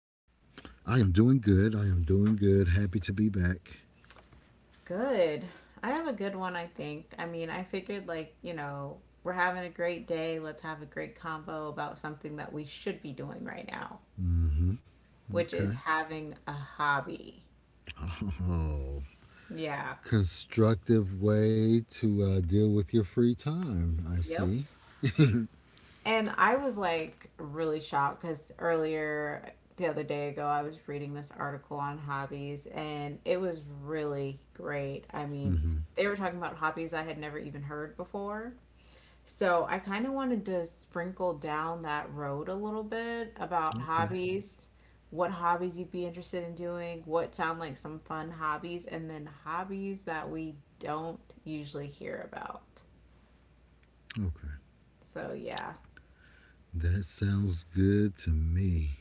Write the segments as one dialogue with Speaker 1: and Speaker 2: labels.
Speaker 1: I am doing good. I am doing good. Happy to be back.
Speaker 2: Good. I have a good one, I think. I mean, I figured, like, you know, we're having a great day. Let's have a great combo about something that we should be doing right now,
Speaker 1: Mm-hmm.
Speaker 2: which
Speaker 1: Okay.
Speaker 2: is having a hobby.
Speaker 1: Oh,
Speaker 2: Yeah.
Speaker 1: constructive way to deal with your free time. I
Speaker 2: Yep.
Speaker 1: see.
Speaker 2: And I was like really shocked because earlier the other day ago, I was reading this article on hobbies and it was really great. I mean,
Speaker 1: Mm-hmm.
Speaker 2: they were talking about hobbies I had never even heard before. So I kind of wanted to sprinkle down that road a little bit about
Speaker 1: Okay.
Speaker 2: hobbies, what hobbies you'd be interested in doing, what sound like some fun hobbies, and then hobbies that we don't usually hear about.
Speaker 1: Okay.
Speaker 2: So yeah.
Speaker 1: That sounds good to me.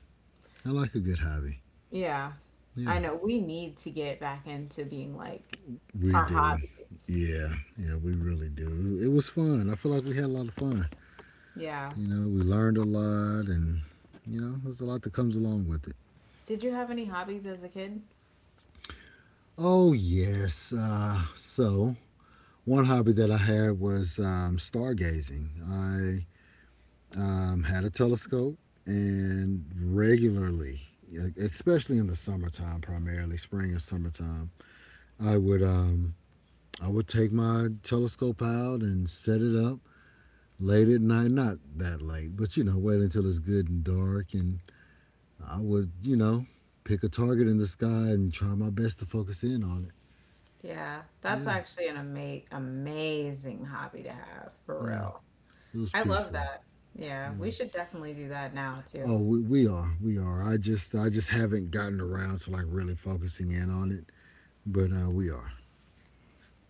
Speaker 1: I like a
Speaker 2: S-
Speaker 1: good hobby.
Speaker 2: Yeah.
Speaker 1: Yeah.
Speaker 2: I know we need to get back into being like
Speaker 1: We
Speaker 2: our
Speaker 1: do.
Speaker 2: hobbies.
Speaker 1: Yeah. Yeah, we really do. It was fun. I feel like we had a lot of fun.
Speaker 2: Yeah.
Speaker 1: You know, we learned a lot and, you know, there's a lot that comes along with it.
Speaker 2: Did you have any hobbies as a kid?
Speaker 1: Oh, yes. One hobby that I had was stargazing. I had a telescope and regularly, like, especially in the summertime, primarily spring and summertime, I would take my telescope out and set it up late at night. Not that late, but you know, wait until it's good and dark, and I would pick a target in the sky and try my best to focus in on it.
Speaker 2: Yeah, that's
Speaker 1: Yeah,
Speaker 2: actually an amazing hobby to have, for
Speaker 1: yeah,
Speaker 2: real.
Speaker 1: it was
Speaker 2: I love
Speaker 1: peaceful.
Speaker 2: that. Yeah,
Speaker 1: Yeah.
Speaker 2: we should definitely do that now
Speaker 1: Oh,
Speaker 2: too.
Speaker 1: we are. I just haven't gotten around to like really focusing in on it, but we are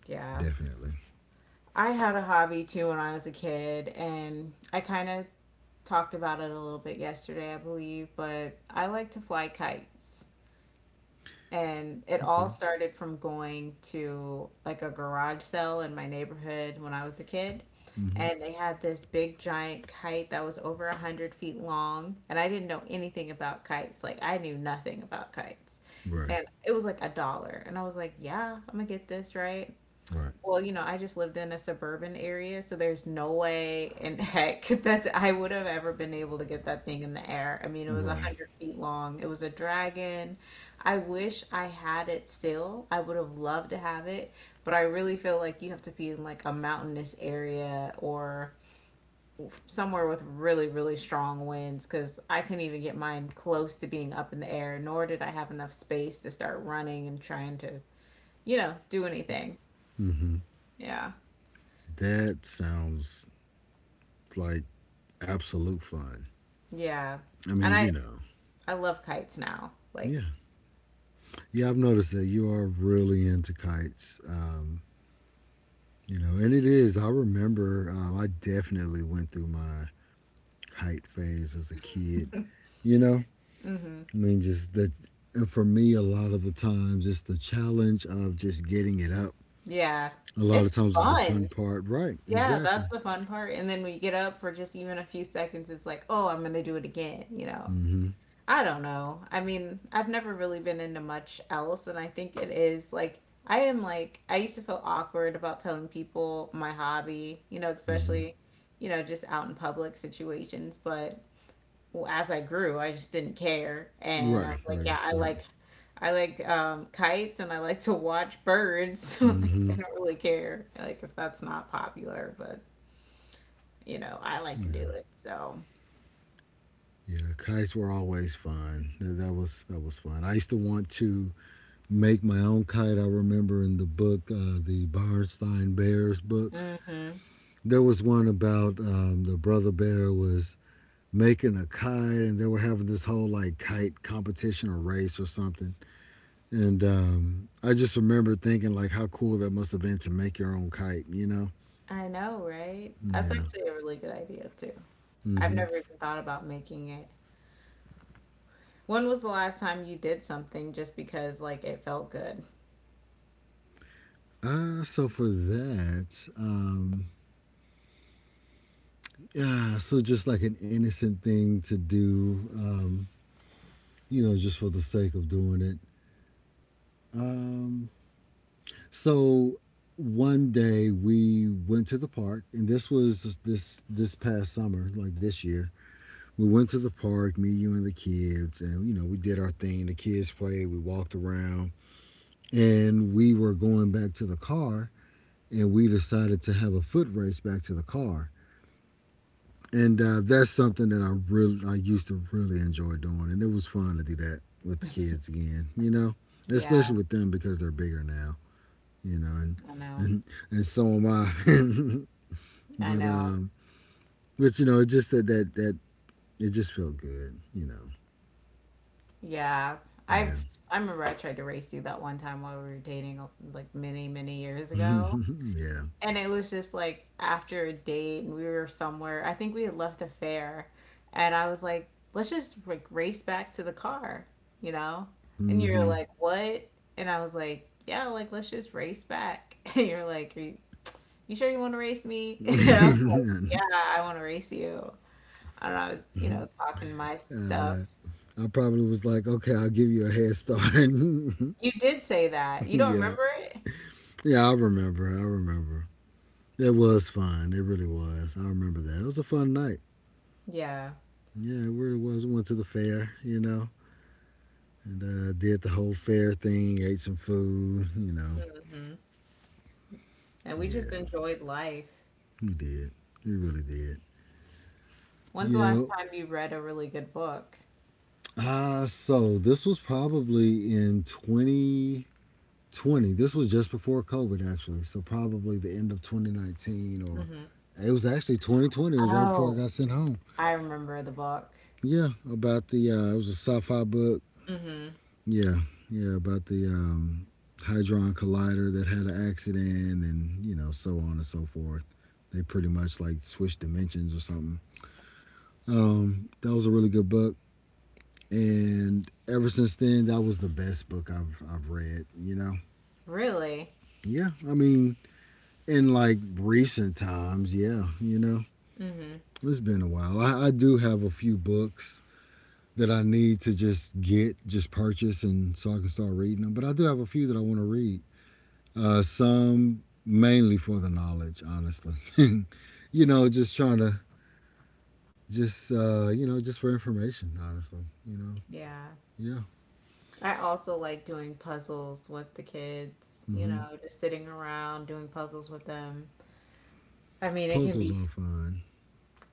Speaker 2: Yeah.
Speaker 1: definitely.
Speaker 2: I had a hobby too when I was a kid, and I kind of talked about it a little bit yesterday, I believe, but I like to fly kites. And it all
Speaker 1: Okay.
Speaker 2: started from going to like a garage sale in my neighborhood when I was a kid.
Speaker 1: Mm-hmm.
Speaker 2: And they had this big giant kite that was over a hundred feet long. And I didn't know anything about kites. Like I knew nothing about kites.
Speaker 1: Right.
Speaker 2: And it was like a dollar. And I was like, yeah, I'm gonna get this, right?
Speaker 1: Right.
Speaker 2: Well, you know, I just lived in a suburban area, so there's no way in heck that I would have ever been able to get that thing in the air. I mean, it was a
Speaker 1: Right.
Speaker 2: hundred feet long. It was a dragon. I wish I had it still. I would have loved to have it, but I really feel like you have to be in like a mountainous area or somewhere with really, really strong winds because I couldn't even get mine close to being up in the air, nor did I have enough space to start running and trying to, you know, do anything.
Speaker 1: Mm-hmm.
Speaker 2: Yeah.
Speaker 1: That sounds like absolute fun.
Speaker 2: Yeah.
Speaker 1: I
Speaker 2: And
Speaker 1: mean,
Speaker 2: I
Speaker 1: you know,
Speaker 2: I love kites now.
Speaker 1: yeah,
Speaker 2: Like,
Speaker 1: yeah. I've noticed that you are really into kites. You know, and it is. I remember. I definitely went through my kite phase as a kid. You know,
Speaker 2: hmm.
Speaker 1: I mean, just that. And for me, a lot of the times, it's the challenge of just getting it up.
Speaker 2: Yeah.
Speaker 1: A lot of
Speaker 2: It's
Speaker 1: times, it's the fun
Speaker 2: fun.
Speaker 1: part. Right.
Speaker 2: Yeah, that's
Speaker 1: Exactly.
Speaker 2: the fun part. And then when you get up for just even a few seconds, it's like, oh, I'm gonna do it again, you know.
Speaker 1: Mm-hmm.
Speaker 2: I don't know. I mean, I've never really been into much else, and I think it is like I am like I used to feel awkward about telling people my hobby, you know,
Speaker 1: Mm-hmm.
Speaker 2: especially, you know, just out in public situations, but well, as I grew, I just didn't care. And I
Speaker 1: Right.
Speaker 2: was like,
Speaker 1: Right.
Speaker 2: yeah, I
Speaker 1: So.
Speaker 2: like I like um, kites and I like to watch birds. Like, I
Speaker 1: Mm-hmm.
Speaker 2: don't really care like if that's not popular, but you know, I like to do
Speaker 1: Yeah.
Speaker 2: it. So,
Speaker 1: Yeah. Kites were always fun. That was fun. I used to want to make my own kite. I remember in the book, the Bernstein Bears books.
Speaker 2: mhm.
Speaker 1: There was one about the brother bear was making a kite and they were having this whole like kite competition or race or something and I just remember thinking like how cool that must have been to make your own kite you know
Speaker 2: I know, right? That's
Speaker 1: yeah
Speaker 2: actually a really good idea too. I've
Speaker 1: mm-hmm
Speaker 2: never even thought about making it. When was the last time you did something just because like it felt good?
Speaker 1: so for that um, yeah so just like an innocent thing to do you know just for the sake of doing it um, so one day we went to the park and this was this past summer like this year we went to the park, me, you, and the kids, and you know, we did our thing. The kids played, we walked around, and we were going back to the car, and we decided to have a foot race back to the car. And that's something that I used to really enjoy doing, and it was fun to do that with the kids again, you know,
Speaker 2: Yeah,
Speaker 1: especially with them because they're bigger now, you know,
Speaker 2: I know.
Speaker 1: and and so am I.
Speaker 2: I
Speaker 1: But
Speaker 2: know.
Speaker 1: you know, it just that it just felt good, you
Speaker 2: Yeah.
Speaker 1: know.
Speaker 2: I've I remember I tried to race you that one time while we were dating like many, many years
Speaker 1: Yeah,
Speaker 2: ago.
Speaker 1: yeah.
Speaker 2: And it was just like after a date and we were somewhere. I think we had left the fair and I was like, "Let's just like race back to the car," you know? And you were
Speaker 1: Mm-hmm.
Speaker 2: like, "What?" And I was like, "Yeah, like let's just race back." And you're like, you sure you want to race me?" And I was like,
Speaker 1: And,
Speaker 2: "Yeah, I want to race you." I don't know, I was, you know, talking my stuff.
Speaker 1: uh, I probably was like, okay, I'll give you a head start.
Speaker 2: You did say that. You don't
Speaker 1: Yeah,
Speaker 2: remember it?
Speaker 1: yeah, I remember. I remember. It was fun. It really was. I remember that. It was a fun night.
Speaker 2: Yeah.
Speaker 1: Yeah, it really was. We went to the fair, you know, and did the whole fair thing. Ate some food, you know.
Speaker 2: Hmm. And we just
Speaker 1: Yeah,
Speaker 2: enjoyed life.
Speaker 1: we did. We really did.
Speaker 2: When's the last
Speaker 1: Yeah.
Speaker 2: time you read a really good book?
Speaker 1: So this was probably in 20. This was just before COVID, actually. So probably the end of 2019, or
Speaker 2: Hmm.
Speaker 1: it was actually 2020. It was right before I
Speaker 2: Oh,
Speaker 1: got sent home.
Speaker 2: I remember the book.
Speaker 1: Yeah, about the, it was a sci fi book.
Speaker 2: Hmm.
Speaker 1: Yeah, yeah, about the hadron Collider that had an accident and, you know, so on and so forth. They pretty much like switched dimensions or something. That was a really good book. And ever since then, that was the best book I've read, you know?
Speaker 2: Really?
Speaker 1: Yeah, I mean, in like recent times, yeah, you know,
Speaker 2: Hmm.
Speaker 1: it's been a while. I do have a few books that I need to just get, just purchase, and so I can start reading them. But I do have a few that I want to read. Some mainly for the knowledge, honestly. You know, just trying to just you know just for information, honestly. You know,
Speaker 2: Yeah.
Speaker 1: yeah.
Speaker 2: I also like doing puzzles with the kids, you
Speaker 1: Hmm.
Speaker 2: know, just sitting around doing puzzles with them. I mean, it can
Speaker 1: Puzzles
Speaker 2: be,
Speaker 1: are fun.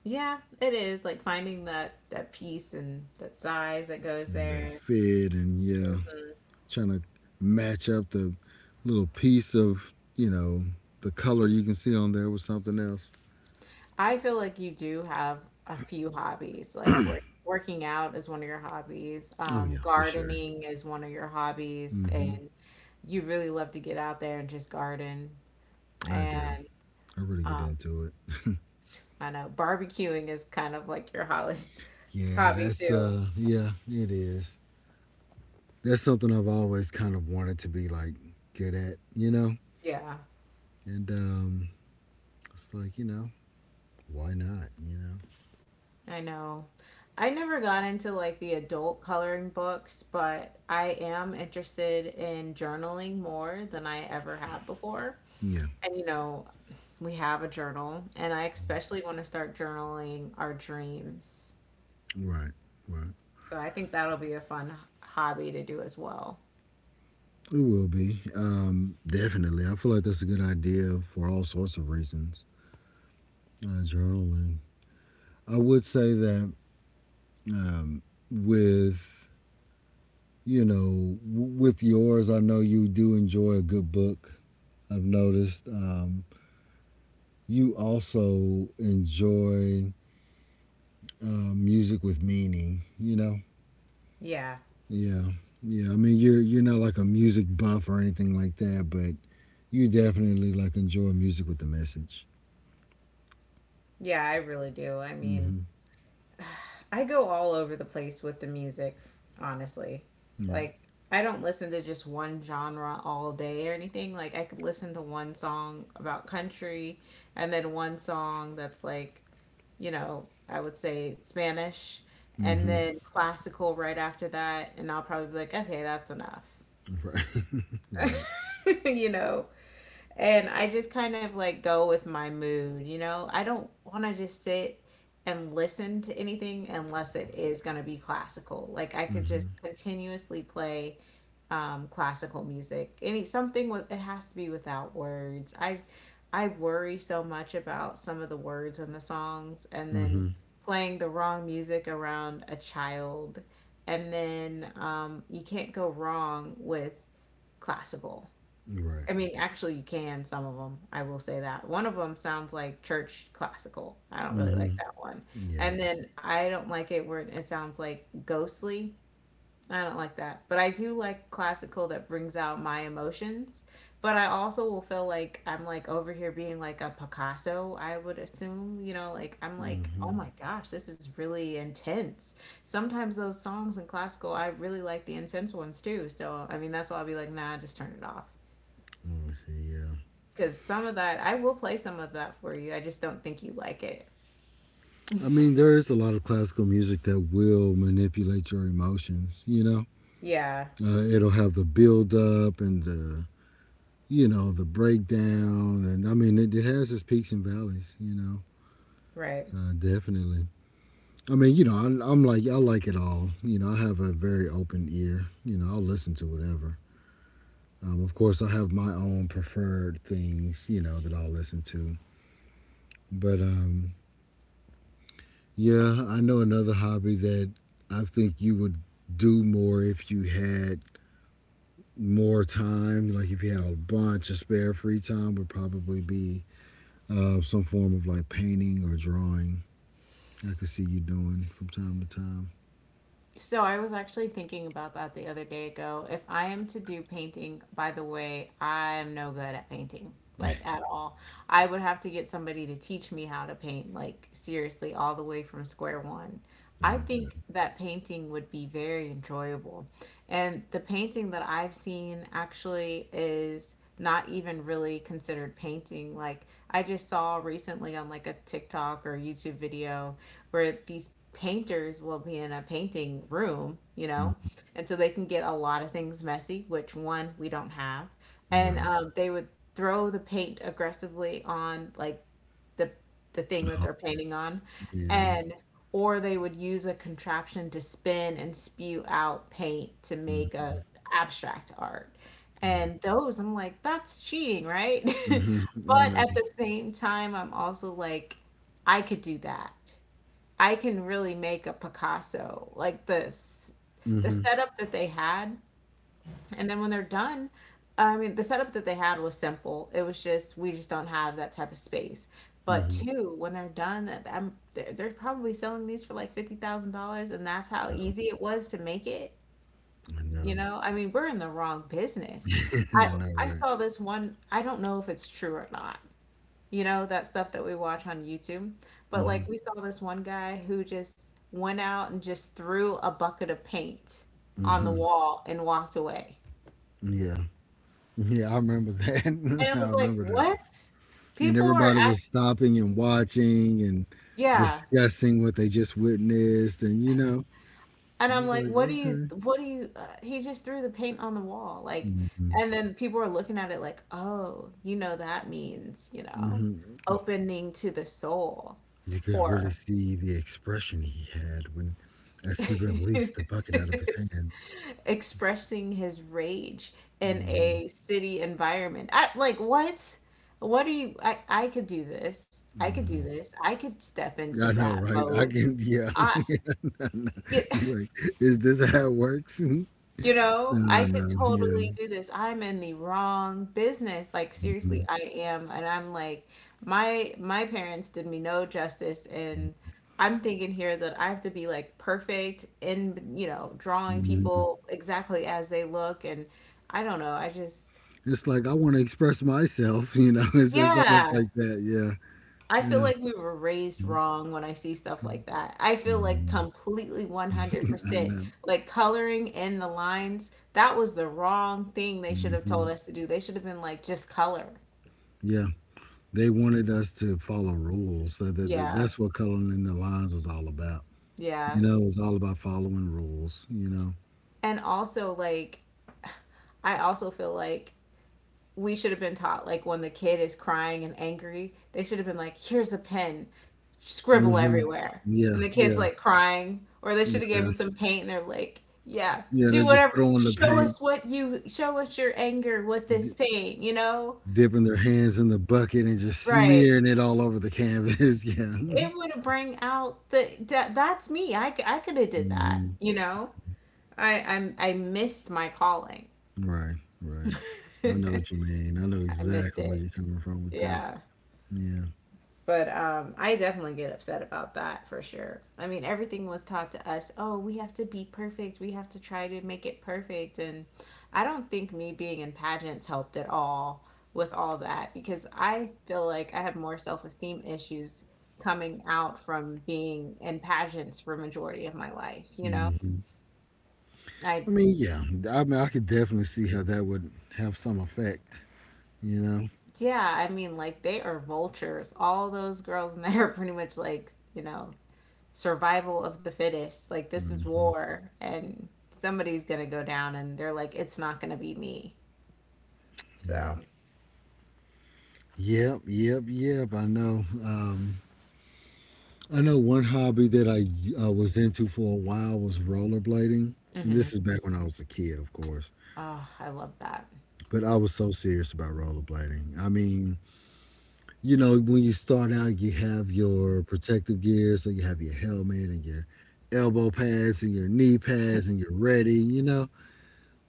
Speaker 2: yeah, it is like finding that piece and that size that goes
Speaker 1: And they're
Speaker 2: there.
Speaker 1: fit, and yeah, trying to match up the little piece of you know the color you can see on there with something else.
Speaker 2: I feel like you do have a few hobbies. Like work, working out is one of your hobbies.
Speaker 1: Oh yeah, for sure.
Speaker 2: Gardening is one of your hobbies,
Speaker 1: Mm-hmm.
Speaker 2: and you really love to get out there and just garden.
Speaker 1: I do.
Speaker 2: And
Speaker 1: I really get
Speaker 2: um,
Speaker 1: into it.
Speaker 2: I know barbecuing is kind of like your
Speaker 1: Yeah,
Speaker 2: hobby
Speaker 1: that's
Speaker 2: too.
Speaker 1: uh, yeah, it is. That's something I've always kind of wanted to be like good at, you know.
Speaker 2: Yeah,
Speaker 1: And it's like you know, why not, you know?
Speaker 2: I know. I never got into like the adult coloring books, but I am interested in journaling more than I ever have before.
Speaker 1: Yeah,
Speaker 2: And you know, we have a journal, and I especially want to start journaling our dreams.
Speaker 1: right, right.
Speaker 2: So I think that'll be a fun hobby to do as well.
Speaker 1: It will be definitely. I feel like that's a good idea for all sorts of reasons. Journaling. I would say that um, with you know with yours I know you do enjoy a good book I've noticed you also enjoy music with meaning you know
Speaker 2: Yeah.
Speaker 1: yeah yeah I mean you're not like a music buff or anything like that but you definitely like enjoy music with the message
Speaker 2: Yeah, I really do. I mean,
Speaker 1: mm-hmm
Speaker 2: I go all over the place with the music, honestly.
Speaker 1: yeah
Speaker 2: Like, I don't listen to just one genre all day or anything. Like I could listen to one song about country and then one song that's like you know, I would say Spanish, and
Speaker 1: mm-hmm
Speaker 2: then classical right after that, and I'll probably be like, okay, that's enough,
Speaker 1: right right
Speaker 2: you know. And I just kind of like go with my mood, you know. I don't want to just sit and listen to anything unless it is going to be classical. Like I could
Speaker 1: mm-hmm
Speaker 2: just continuously play classical music. Any something with it has to be without words. I worry so much about some of the words in the songs, and then
Speaker 1: mm-hmm
Speaker 2: playing the wrong music around a child, and then you can't go wrong with classical.
Speaker 1: right
Speaker 2: I mean, actually, you can some of them. I will say that one of them sounds like church classical. I don't really
Speaker 1: mm-hmm
Speaker 2: like that one,
Speaker 1: yeah
Speaker 2: and then I don't like it where it sounds like ghostly. I don't like that. But I do like classical that brings out my emotions. But I also will feel like I'm like over here being like a Picasso, I would assume. You know, like I'm like,
Speaker 1: mm-hmm
Speaker 2: oh my gosh, this is really intense. Sometimes those songs in classical, I really like the intense ones too. So, I mean, that's why I'll be like, nah, just turn it off.
Speaker 1: let me see yeah.
Speaker 2: Because some of that, I will play some of that for you. I just don't think you like it.
Speaker 1: I mean, there is a lot of classical music that will manipulate your emotions, you know?
Speaker 2: Yeah,
Speaker 1: It'll have the build up and you know, the breakdown. And I mean, it has its peaks and valleys, you know?
Speaker 2: right.
Speaker 1: Definitely. I mean, you know, I'm like, I like it all. You know, I have a very open ear. You know, I'll listen to whatever. Of course, I have my own preferred things, you know, that I'll listen to. But yeah, I know another hobby that I think you would do more if you had more time, like if you had a bunch of spare free time, would probably be some form of like painting or drawing. I could see you doing from time to time.
Speaker 2: So I was actually thinking about that the other day ago. If I am to do painting, by the way, I'm no good at painting, like at all. I would have to get somebody to teach me how to paint, like seriously, all the way from square one. I
Speaker 1: Okay.
Speaker 2: think that painting would be very enjoyable. And the painting that I've seen actually is not even really considered painting. Like I just saw recently on like a TikTok or YouTube video where these painters will be in a painting room, you
Speaker 1: Mm,
Speaker 2: know, and so they can get a lot of things messy, which one we don't have, and
Speaker 1: right.
Speaker 2: they would throw the paint aggressively on like the the thing that
Speaker 1: Oh,
Speaker 2: they're painting on,
Speaker 1: yeah.
Speaker 2: and or they would use a contraption to spin and spew out paint to
Speaker 1: Mm,
Speaker 2: make a abstract art.
Speaker 1: right.
Speaker 2: And those, I'm like, that's cheating, right?
Speaker 1: Mhm. I
Speaker 2: But
Speaker 1: know.
Speaker 2: at the same time, I'm also like, I could do that. I can really make a Picasso like this the
Speaker 1: Mhm.
Speaker 2: setup that they had and then when they're done I mean the setup that they had was simple it was just we just don't have that type of space but
Speaker 1: Mhm.
Speaker 2: two when they're done that they're probably selling these for like $50,000 and that's how
Speaker 1: Oh,
Speaker 2: easy it was to make it,
Speaker 1: I
Speaker 2: you
Speaker 1: know.
Speaker 2: know. I mean we're in the wrong business. I
Speaker 1: I know.
Speaker 2: I
Speaker 1: Right.
Speaker 2: saw this one I don't know if it's true or not, you know, that stuff that we watch on YouTube. But
Speaker 1: Mhm.
Speaker 2: like we saw this one guy who just went out and just threw a bucket of paint on the
Speaker 1: Mhm.
Speaker 2: wall and walked away.
Speaker 1: Yeah. Yeah. I remember that.
Speaker 2: And it
Speaker 1: I
Speaker 2: was like,
Speaker 1: remember that.
Speaker 2: what?
Speaker 1: And
Speaker 2: People are
Speaker 1: everybody was
Speaker 2: act
Speaker 1: stopping and watching and
Speaker 2: Yeah.
Speaker 1: discussing what they just witnessed, and you know.
Speaker 2: And
Speaker 1: I
Speaker 2: I'm
Speaker 1: was
Speaker 2: like,
Speaker 1: like,
Speaker 2: what do you
Speaker 1: okay.
Speaker 2: what do you uh, he just threw the paint on the wall. Like
Speaker 1: Hmm.
Speaker 2: and then people are looking at it like, "Oh, you know that means, you know,
Speaker 1: Hmm.
Speaker 2: opening to the soul."
Speaker 1: You could really
Speaker 2: Or
Speaker 1: see the expression he had when, as he released the bucket out of his hands.
Speaker 2: expressing his rage in
Speaker 1: Hmm.
Speaker 2: a city environment. I, like what? What are you? I could do this. I could do
Speaker 1: Hmm.
Speaker 2: this. I could step into
Speaker 1: I know,
Speaker 2: that
Speaker 1: right? I
Speaker 2: mode.
Speaker 1: can, yeah.
Speaker 2: I
Speaker 1: Yeah. No, no.
Speaker 2: you,
Speaker 1: You like, is this how it works? no,
Speaker 2: you know I
Speaker 1: no,
Speaker 2: could
Speaker 1: no, yeah.
Speaker 2: totally do this. I'm in the wrong business. Like
Speaker 1: Hmm.
Speaker 2: seriously, I am, and I'm like my parents did me no justice. And I'm thinking here that I have to be like perfect in, you know, drawing
Speaker 1: Hmm.
Speaker 2: people exactly as they look and I don't know. I just.
Speaker 1: It's like I want to express myself. You know, it's almost
Speaker 2: Yeah,
Speaker 1: like that. Yeah,
Speaker 2: I feel
Speaker 1: yeah.
Speaker 2: like we were raised
Speaker 1: Hmm.
Speaker 2: wrong when I see stuff like that. I feel like completely
Speaker 1: I
Speaker 2: 100%.
Speaker 1: know.
Speaker 2: Like coloring in the lines, that was the wrong thing they should have
Speaker 1: Hmm.
Speaker 2: told us to do. They should have been like, just color.
Speaker 1: Yeah. They wanted us to follow rules. So that, that
Speaker 2: Yeah,
Speaker 1: that's what coloring in the lines was all about.
Speaker 2: yeah.
Speaker 1: You know, it was all about following rules. You know.
Speaker 2: And also, like, I also feel like we should have been taught like when the kid is crying and angry, they should have been like, "Here's a pen, scribble
Speaker 1: Hmm.
Speaker 2: everywhere."
Speaker 1: Yeah,
Speaker 2: And the kid's
Speaker 1: yeah,
Speaker 2: like crying, or they should
Speaker 1: you
Speaker 2: have gave
Speaker 1: know.
Speaker 2: him some paint and they're like, "Yeah,
Speaker 1: Yeah. They're
Speaker 2: do
Speaker 1: just
Speaker 2: whatever.
Speaker 1: throwing the
Speaker 2: Show
Speaker 1: paint,
Speaker 2: us what you show us your anger with this
Speaker 1: di-
Speaker 2: paint, you know?"
Speaker 1: dipping their hands in the bucket, and just
Speaker 2: Right.
Speaker 1: smearing it all over the canvas. Yeah.
Speaker 2: It would have bring out that's me. I could have did that,
Speaker 1: Hmm.
Speaker 2: you know? I missed my calling.
Speaker 1: Right, right. I know what you
Speaker 2: I
Speaker 1: mean. I know
Speaker 2: missed
Speaker 1: exactly where
Speaker 2: it.
Speaker 1: you're coming from with that.
Speaker 2: Yeah.
Speaker 1: Yeah.
Speaker 2: But I definitely get upset about that for sure. I mean, everything was taught to us oh, we have to be perfect. We have to try to make it perfect. And I don't think me being in pageants helped at all with all that because I feel like I have more self esteem issues coming out from being in pageants for majority of my life, you know?
Speaker 1: Hmm.
Speaker 2: I
Speaker 1: I mean, yeah. I mean, I could definitely see how that would have some effect. You know.
Speaker 2: yeah, I mean like they are vultures. All those girls in there are pretty much like, you know, survival of the fittest. Like this is
Speaker 1: Hmm.
Speaker 2: war and somebody's going to go down and they're like it's not going to be me.
Speaker 1: Yeah.
Speaker 2: So,
Speaker 1: Yep. Yep. Yep. I know. I know one hobby that I was into for a while was rollerblading, and this
Speaker 2: mhm.
Speaker 1: is back when I was a kid, of course.
Speaker 2: Oh, I love that.
Speaker 1: But I was so serious about rollerblading. I mean, you know, when you start out, you have your protective gear, so you have your helmet and your elbow pads and your knee pads, and you're ready, you know.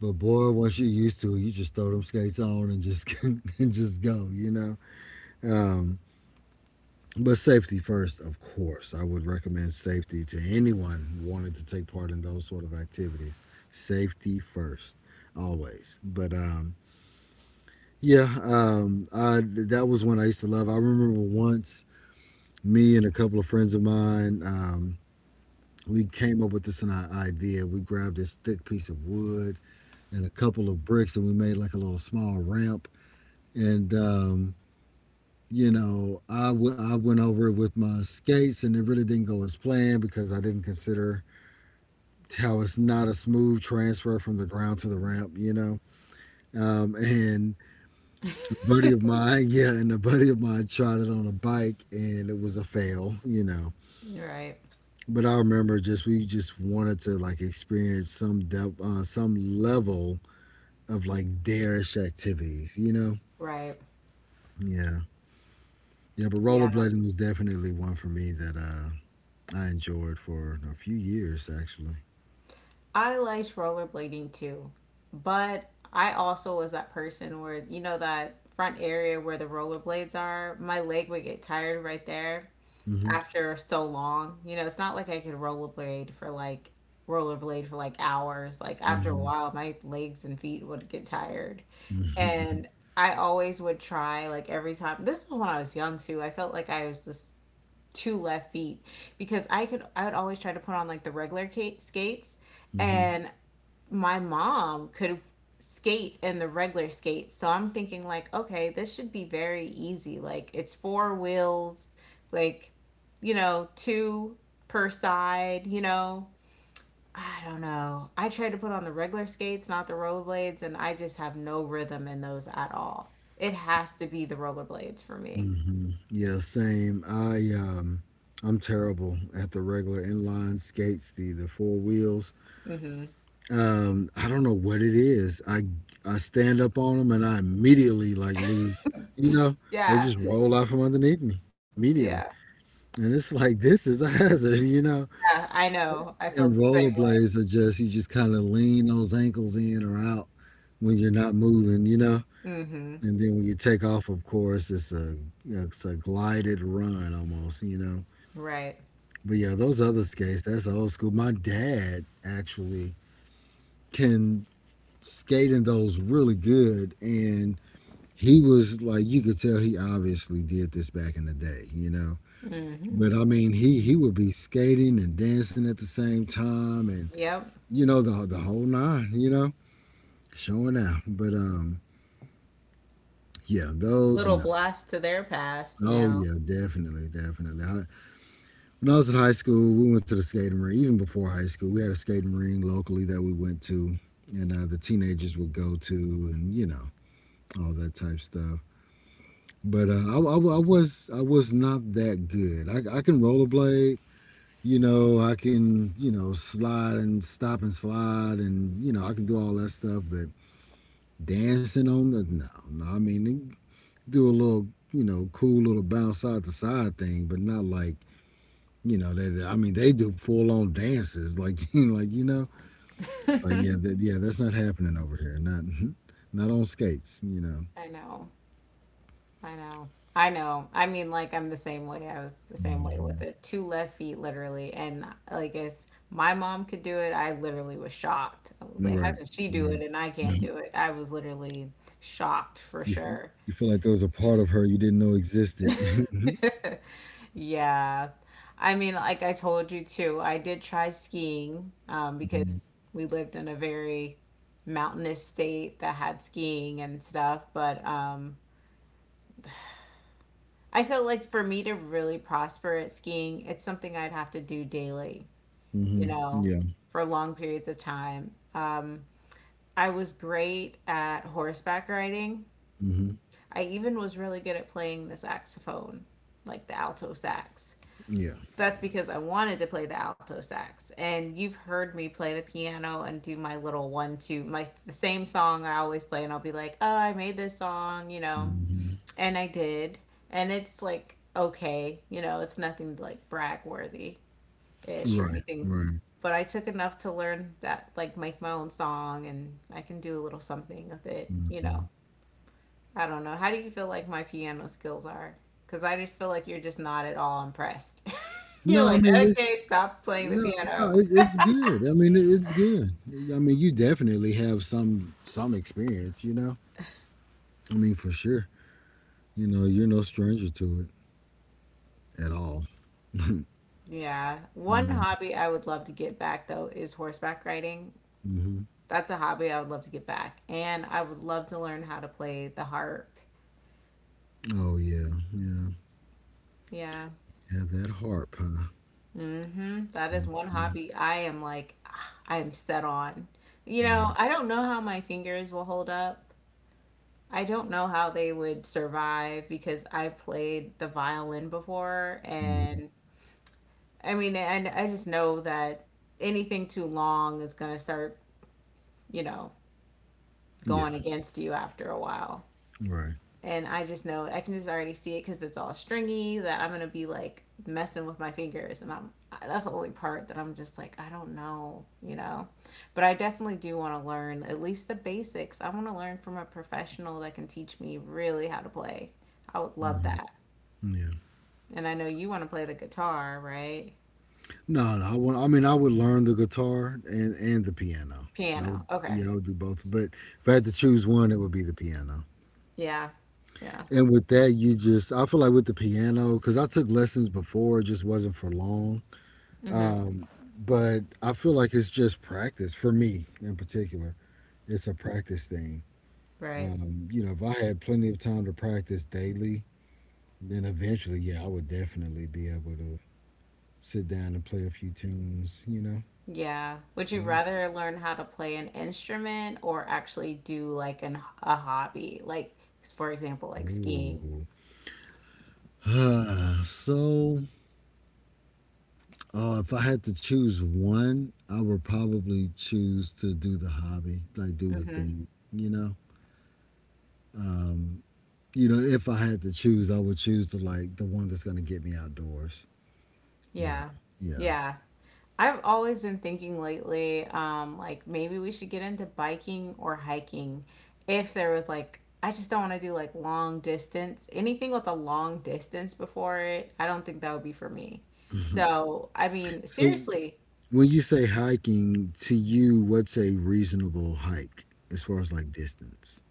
Speaker 1: But boy, once you're used to it, you just throw them skates on and just and just go, you know. Um, But safety first, of course. I would recommend safety to anyone wanting to take part in those sort of activities. Safety first, always. But yeah, I, that was one I used to love. I remember once me and a couple of friends of mine, we came up with idea. We grabbed this thick piece of wood and a couple of bricks, and we made like a little small ramp. And you know, I went over it with my skates and it really didn't go as planned because I didn't consider how it's not a smooth transfer from the ground to the ramp, you know. And a buddy of mine, yeah, and a buddy of mine tried it on a bike and it was a fail, you know.
Speaker 2: Right.
Speaker 1: But I remember just we just wanted to like experience some depth, some level of like darish activities, you know.
Speaker 2: Right.
Speaker 1: Yeah, yeah. But
Speaker 2: Yeah.
Speaker 1: rollerblading was definitely one for me that I enjoyed for a few years actually.
Speaker 2: I liked rollerblading too. But I also was that person where you know that front area where the rollerblades are, my leg would get tired right there
Speaker 1: hmm
Speaker 2: after so long. You know, it's not like I could rollerblade for like hours. Like after a
Speaker 1: hmm
Speaker 2: while, my legs and feet would get tired.
Speaker 1: hmm
Speaker 2: And I always would try like every time. This was when I was young too. I felt like I was just two left feet because I would always try to put on like the regular skates
Speaker 1: hmm
Speaker 2: and my mom could skate in the regular skate. So I'm thinking like, okay, this should be very easy. Like it's four wheels, like you know, two per side, you know. I don't know. I tried to put on the regular skates, not the rollerblades, and I just have no rhythm in those at all. It has to be the rollerblades for me.
Speaker 1: Yeah, same. I'm terrible at the regular inline skates, the four wheels.
Speaker 2: Mhm.
Speaker 1: I don't know what it is. I stand up on them and I immediately like lose. You know, they
Speaker 2: Yeah.
Speaker 1: just roll out from underneath me
Speaker 2: Yeah.
Speaker 1: immediately, and it's like this is a hazard. You know.
Speaker 2: Yeah, I know. I
Speaker 1: And
Speaker 2: felt the same way.
Speaker 1: rollerblades are just you just kind of lean those ankles in or out when you're not moving, you know.
Speaker 2: Mhm.
Speaker 1: And then when you take off, of course, it's a glided run almost, you know.
Speaker 2: Right.
Speaker 1: But yeah, those other skates, that's old school. My dad actually can skate in those really good, and he was like, you could tell he obviously did this back in the day, you know.
Speaker 2: Mhm.
Speaker 1: But I mean, he would be skating and dancing at the same time, and
Speaker 2: Yep.
Speaker 1: you know the whole nine, you know. Showing out. But yeah, those
Speaker 2: Little
Speaker 1: no.
Speaker 2: blast to their past, you
Speaker 1: Oh
Speaker 2: know.
Speaker 1: yeah, definitely, definitely. I, when I was in high school, we went to the skating rink. Even before high school, we had a skating rink locally that we went to, and the teenagers would go to, and you know all that type stuff. But I was not that good. I can rollerblade, you know. I can you know slide and stop and slide, and you know I can do all that stuff. But dancing on the no, no. I mean do a little, you know, cool little bounce side to side thing, but not like, you know, that I mean, they do full on dances, like, like you know, it's like yeah, that, yeah, that's not happening over here, not, not on skates, you know.
Speaker 2: I know. I know. I know. I mean, like, I'm the same way. I was the same way with
Speaker 1: hmm
Speaker 2: it. Two left feet, literally. And, like, if my mom could do it, I literally was shocked. I was like, how
Speaker 1: Right,
Speaker 2: can she do
Speaker 1: right.
Speaker 2: it and I can't do it? I was literally shocked for
Speaker 1: You f-
Speaker 2: sure.
Speaker 1: you feel like there was a part of her you didn't know existed.
Speaker 2: Yeah. I mean, like I told you too, I did try skiing because we lived in a very mountainous state that had skiing and stuff, but I feel like for me to really prosper at skiing, it's something I'd have to do daily, you know,
Speaker 1: Yeah.
Speaker 2: for long periods of time. I was great at horseback riding.
Speaker 1: hmm
Speaker 2: I even was really good at playing the saxophone, like the alto sax.
Speaker 1: Yeah.
Speaker 2: That's because I wanted to play the alto sax. And you've heard me play the piano and do my little one two, my the same song I always play and I'll be like, "Oh, I made this song," you know
Speaker 1: hmm
Speaker 2: and I did, and it's like okay, you know, it's nothing like brag worthy ish or
Speaker 1: Right.
Speaker 2: anything,
Speaker 1: Right.
Speaker 2: but I took enough to learn that like make my own song and I can do a little something with it, you
Speaker 1: hmm
Speaker 2: know. I don't know. How do you feel like my piano skills are? Because I just feel like you're just not at all impressed. You're
Speaker 1: No, I
Speaker 2: like,
Speaker 1: mean it's
Speaker 2: okay, stop playing the
Speaker 1: no, no,
Speaker 2: piano.
Speaker 1: it's good. I mean, it's good. I mean, you definitely have some experience, you know. I mean, for sure. You know, you're no stranger to it at all.
Speaker 2: Yeah. One
Speaker 1: Yeah.
Speaker 2: hobby I would love to get back though is horseback riding.
Speaker 1: hmm
Speaker 2: That's a hobby I would love to get back. And I would love to learn how to play the harp.
Speaker 1: Oh yeah, yeah,
Speaker 2: Yeah.
Speaker 1: yeah. That harp, huh?
Speaker 2: Hmm. That is one
Speaker 1: Mhm.
Speaker 2: hobby I am like, ah, I am set on. You know,
Speaker 1: Right.
Speaker 2: I don't know how my fingers will hold up. I don't know how they would survive because I played the violin before.
Speaker 1: hmm
Speaker 2: And I mean, and I just know that anything too long is going to start, you know,
Speaker 1: Yeah.
Speaker 2: going against you after a while.
Speaker 1: Right.
Speaker 2: And I just know I can just already see it because it's all stringy that I'm gonna be like messing with my fingers, and I'm that's the only part that I'm just like I don't know, you know. But I definitely do want to learn at least the basics. I want to learn from a professional that can teach me really how to play. I would love
Speaker 1: hmm
Speaker 2: that.
Speaker 1: Yeah.
Speaker 2: And I know you want to play the guitar, right?
Speaker 1: No, no. I want. I mean, I would learn the guitar and the piano. I
Speaker 2: Piano.
Speaker 1: would.
Speaker 2: Okay.
Speaker 1: Yeah, I would do both. But if I had to choose one, it would be the piano.
Speaker 2: Yeah. Yeah.
Speaker 1: And with that, you just, I feel like with the piano, because I took lessons before, it just wasn't for long.
Speaker 2: Hmm.
Speaker 1: Um, but I feel like it's just practice for me in particular. It's a practice thing.
Speaker 2: Right.
Speaker 1: You know, if I had plenty of time to practice daily, then eventually, yeah, I would definitely be able to sit down and play a few tunes, you know?
Speaker 2: Yeah. Would you rather learn how to play an instrument or actually do like an a hobby? Like for example,
Speaker 1: Yeah.
Speaker 2: like skiing.
Speaker 1: Ooh. so If I had to choose one, I would probably choose to do the hobby, like do the
Speaker 2: Hmm.
Speaker 1: thing, you know? Um, you know, if I had to choose, I would choose the one that's gonna get me outdoors, you know.
Speaker 2: Yeah.
Speaker 1: Yeah.
Speaker 2: Yeah. I've always been thinking lately, like maybe we should get into biking or hiking if there was like I just don't want to do like long distance. Anything with a long distance before it, I don't think that would be for me.
Speaker 1: Mhm.
Speaker 2: So, I mean,
Speaker 1: So
Speaker 2: seriously,
Speaker 1: when you say hiking, to you, what's a reasonable hike as far as like distance?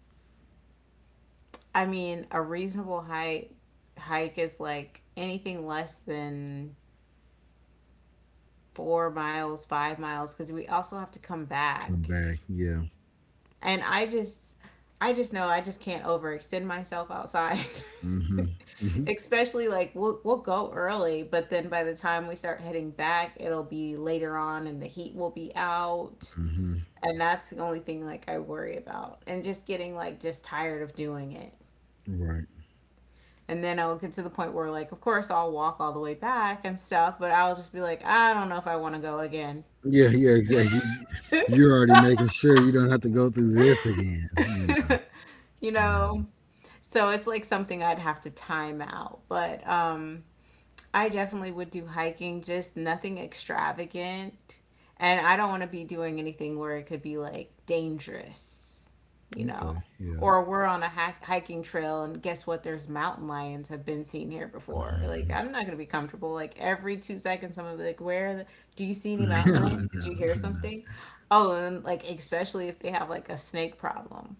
Speaker 2: I mean, a reasonable hike is like anything less than 4 miles, 5 miles, because we also have to come
Speaker 1: Come
Speaker 2: back.
Speaker 1: back, yeah.
Speaker 2: And I just, I just know I just can't overextend myself outside.
Speaker 1: Mm-hmm. Mm-hmm.
Speaker 2: Especially like we'll go early, but then by the time we start heading back, it'll be later on, and the heat will be out.
Speaker 1: Mm-hmm.
Speaker 2: And that's the only thing like I worry about, and just getting like just tired of doing it.
Speaker 1: Right.
Speaker 2: And then I'll get to the point where, like, of course, I'll walk all the way back and stuff, but I'll just be like, I don't know if I want to go again,
Speaker 1: Yeah, yeah, exactly. You're already making sure you don't have to go through this again, you know.
Speaker 2: you
Speaker 1: Yeah.
Speaker 2: know? So it's like something I'd have to time out. But I definitely would do hiking, just nothing extravagant. And I don't want to be doing anything where it could be like dangerous, you know.
Speaker 1: Okay. Yeah.
Speaker 2: Or we're on a hiking trail and guess what? There's mountain lions have been seen here before. Like I'm not gonna be comfortable. Like every 2 seconds, I'm gonna be like, "Where? Are do you see any
Speaker 1: I
Speaker 2: mountain lions? Did
Speaker 1: know,
Speaker 2: you hear
Speaker 1: I know.
Speaker 2: something?" Oh, and like especially if they have like a snake problem.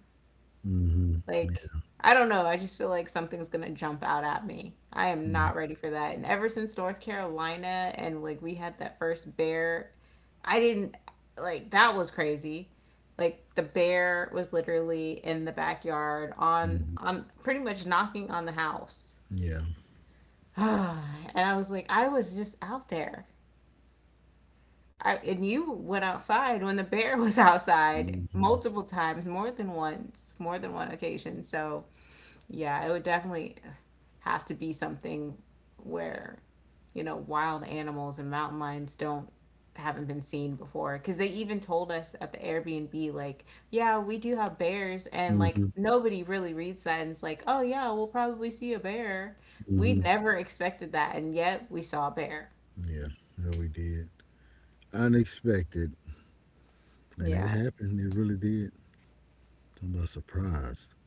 Speaker 1: hmm
Speaker 2: Like, I don't know. I just feel like something's gonna jump out at me. I am not ready for that. And ever since North Carolina and like we had that first bear, I didn't like that was crazy. Like the bear was literally in the backyard
Speaker 1: Mhm.
Speaker 2: on pretty much knocking on the house.
Speaker 1: Yeah.
Speaker 2: And I was like, I was just out there. And you went outside when the bear was outside
Speaker 1: hmm
Speaker 2: multiple times, more than once, more than one occasion. So yeah, it would definitely have to be something where, you know, wild animals and mountain lions don't haven't been seen before because they even told us at the Airbnb like yeah we do have bears and like
Speaker 1: hmm
Speaker 2: nobody really reads that and it's like oh yeah we'll probably see a bear we
Speaker 1: hmm
Speaker 2: never expected that and yet we saw a bear
Speaker 1: Yeah. Yeah, no, we did. Unexpected. And it
Speaker 2: yeah.
Speaker 1: happened. It really did. I'm about surprised.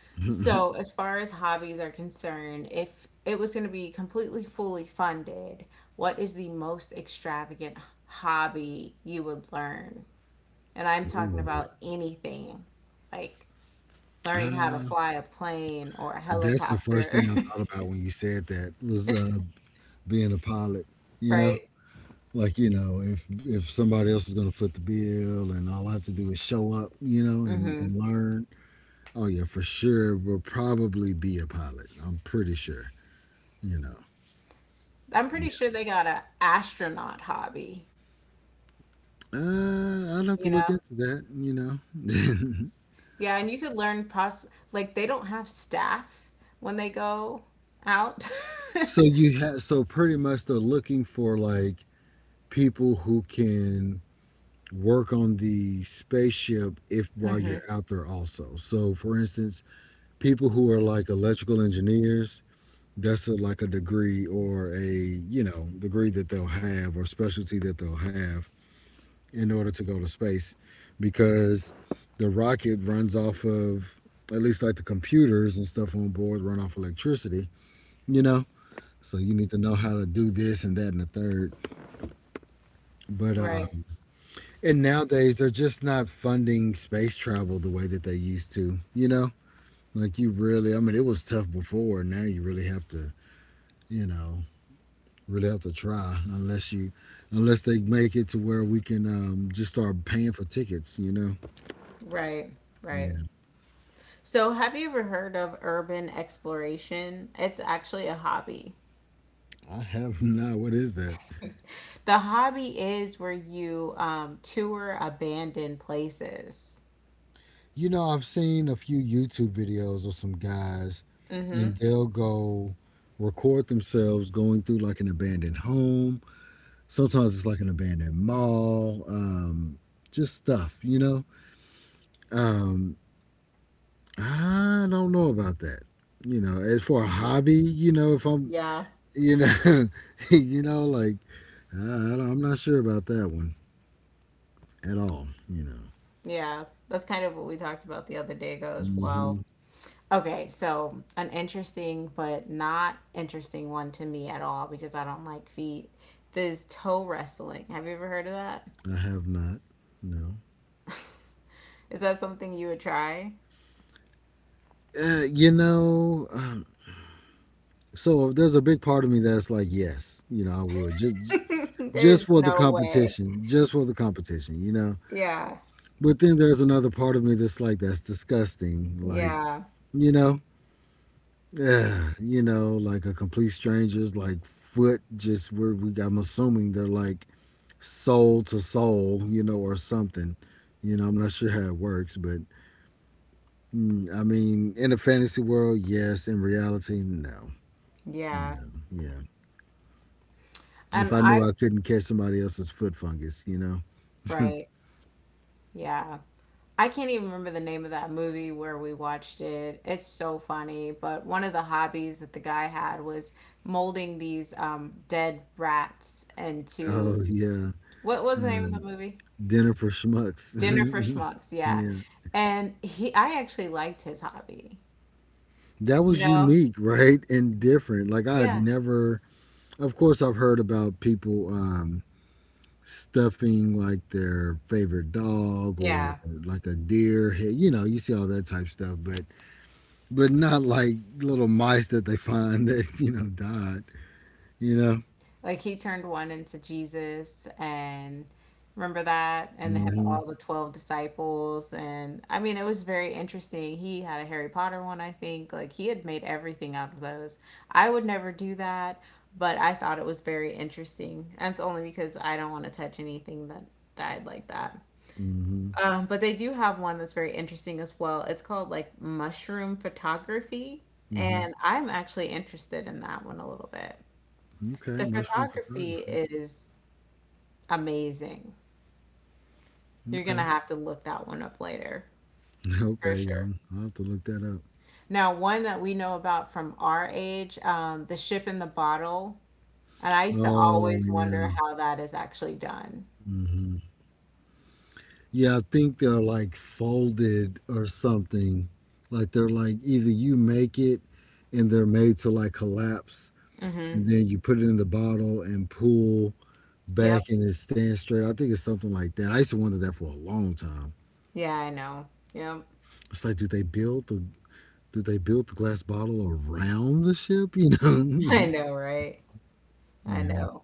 Speaker 2: So, as far as hobbies are concerned, if it was going to be completely fully funded, what is the most extravagant hobby you would learn? And I'm talking
Speaker 1: Ooh.
Speaker 2: about anything like learning how to
Speaker 1: Uh,
Speaker 2: fly a plane or a
Speaker 1: that's the first
Speaker 2: helicopter,
Speaker 1: thing I thought about when you said that was being a pilot. You know,
Speaker 2: right?
Speaker 1: like you know, if somebody else is going to foot the bill, and all I have to do is show up, you know,
Speaker 2: Hmm.
Speaker 1: and learn oh yeah, for sure. Will probably be a pilot. I'm pretty sure. You know.
Speaker 2: I'm pretty
Speaker 1: Yeah.
Speaker 2: sure they got a astronaut hobby,
Speaker 1: I'd have
Speaker 2: you
Speaker 1: to look
Speaker 2: know?
Speaker 1: into that. You know.
Speaker 2: Yeah, and you could learn poss like they don't have staff when they go out.
Speaker 1: so you have. So pretty much they're looking for like people who can work on the spaceship if while you're out there also. So for instance, people who are like electrical engineers. Like a degree or a you know degree that they'll have or specialty that they'll have in order to go to space because the rocket runs off of at least like the computers and stuff on board run off electricity, you know? So you need to know how to do this and that and the third. But
Speaker 2: Right.
Speaker 1: And nowadays they're just not funding space travel the way that they used to, you know? Like you really I mean it was tough before, now you really have to, you know, really have to try unless you unless they make it to where we can just start paying for tickets, you know?
Speaker 2: Right, right.
Speaker 1: Yeah.
Speaker 2: So, have you ever heard of urban exploration? It's actually a hobby.
Speaker 1: I have not. What is that?
Speaker 2: The hobby is where you tour abandoned places.
Speaker 1: You know, I've seen a few YouTube videos of some guys,
Speaker 2: Mm-hmm.
Speaker 1: and they'll go record themselves going through like an abandoned home. Sometimes it's like an abandoned mall, just stuff, you know? Um, I don't know about that. You know, as for a hobby, you know, if I'm,
Speaker 2: Yeah,
Speaker 1: you know, you know, like, I'm not sure about that one at all, you know.
Speaker 2: yeah. That's kind of what we talked about the other day ago as well.
Speaker 1: hmm
Speaker 2: Okay, so an interesting but not interesting one to me at all because I don't like feet. This toe wrestling. Have you ever heard of that?
Speaker 1: I have not. No.
Speaker 2: Is that something you would try?
Speaker 1: You know, so there's a big part of me that's like, yes, you know, I would just
Speaker 2: There's
Speaker 1: for the
Speaker 2: no way.
Speaker 1: competition, just for the competition, you know.
Speaker 2: Yeah.
Speaker 1: But then there's another part of me that's like, that's disgusting, like
Speaker 2: Yeah.
Speaker 1: you know, yeah, you know, like a complete stranger's like foot just where we I'm assuming they're like soul to soul, you know, or something. You know, I'm not sure how it works, but mm, I mean, in a fantasy world, yes. In reality, no. You
Speaker 2: Yeah.
Speaker 1: know, yeah.
Speaker 2: And
Speaker 1: If I knew
Speaker 2: I,
Speaker 1: I couldn't catch somebody else's foot fungus, you know.
Speaker 2: right. Yeah. I can't even remember the name of that movie where we watched it. It's so funny. But one of the hobbies that the guy had was molding these dead rats into
Speaker 1: Oh yeah,
Speaker 2: what was the name of the
Speaker 1: um,
Speaker 2: movie?
Speaker 1: dinner for schmucks.
Speaker 2: Dinner for Schmucks. Yeah.
Speaker 1: yeah,
Speaker 2: And he, I actually liked his hobby,
Speaker 1: that
Speaker 2: you
Speaker 1: was
Speaker 2: know?
Speaker 1: unique, right, and different. Like I had
Speaker 2: Yeah.
Speaker 1: never. Of course, I've heard about people stuffing like their favorite dog or
Speaker 2: Yeah.
Speaker 1: like a deer head. You know, you see all that type stuff, but not like little mice that they find that you know died. You know.
Speaker 2: Like he turned one into Jesus and remember that? And they had
Speaker 1: hmm
Speaker 2: all the 12 disciples. And I mean, it was very interesting. He had a Harry Potter one, I think. Like he had made everything out of those. I would never do that, but I thought it was very interesting. That's only because I don't want to touch anything that died like that.
Speaker 1: hmm
Speaker 2: But they do have one that's very interesting as well. It's called like mushroom photography.
Speaker 1: hmm
Speaker 2: And I'm actually interested in that one a little bit.
Speaker 1: Okay,
Speaker 2: The
Speaker 1: mushroom
Speaker 2: photography
Speaker 1: photography.
Speaker 2: is amazing. You're
Speaker 1: Okay.
Speaker 2: gonna have to look that one up later for
Speaker 1: Okay, yeah.
Speaker 2: sure.
Speaker 1: I'll have to look that up.
Speaker 2: Now, one that we know about from our age, the ship in the bottle, and I used to
Speaker 1: Oh,
Speaker 2: always wonder
Speaker 1: yeah.
Speaker 2: how that is actually done.
Speaker 1: Mhm. Yeah, I think they're like folded or something. Like they're like either you make it and they're made to like collapse
Speaker 2: Mm-hmm.
Speaker 1: and then you put it in the bottle and pull
Speaker 2: Yep.
Speaker 1: back and it stands straight. I think it's something like that. I used to wonder that for a long time.
Speaker 2: Yeah, I know. Yep.
Speaker 1: It's like, did they build the glass bottle around the ship? You
Speaker 2: I
Speaker 1: know?
Speaker 2: know, right? I
Speaker 1: yeah.
Speaker 2: know.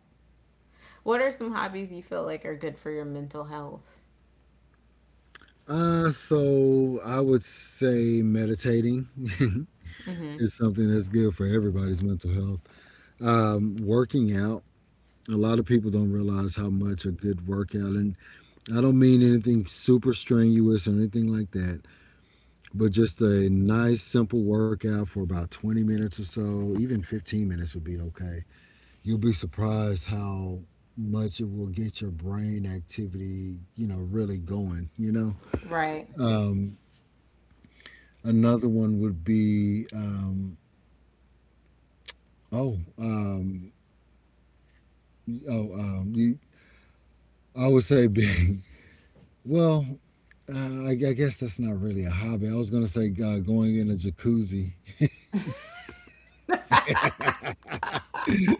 Speaker 2: What are some hobbies you feel like are good for your mental health?
Speaker 1: I would say meditating.
Speaker 2: Mm-hmm.
Speaker 1: It's something that's good for everybody's mental health. Working out, a lot of people don't realize how much a good workout, and I don't mean anything super strenuous or anything like that, but just a nice, simple workout for about 20 minutes or so, even 15 minutes would be okay. You'll be surprised how much it will get your brain activity, you know, really going, you know?
Speaker 2: Right.
Speaker 1: Um, another one would be, oh, Oh, you, I would say being, well, I guess that's not really a hobby. I was going to say going in a jacuzzi.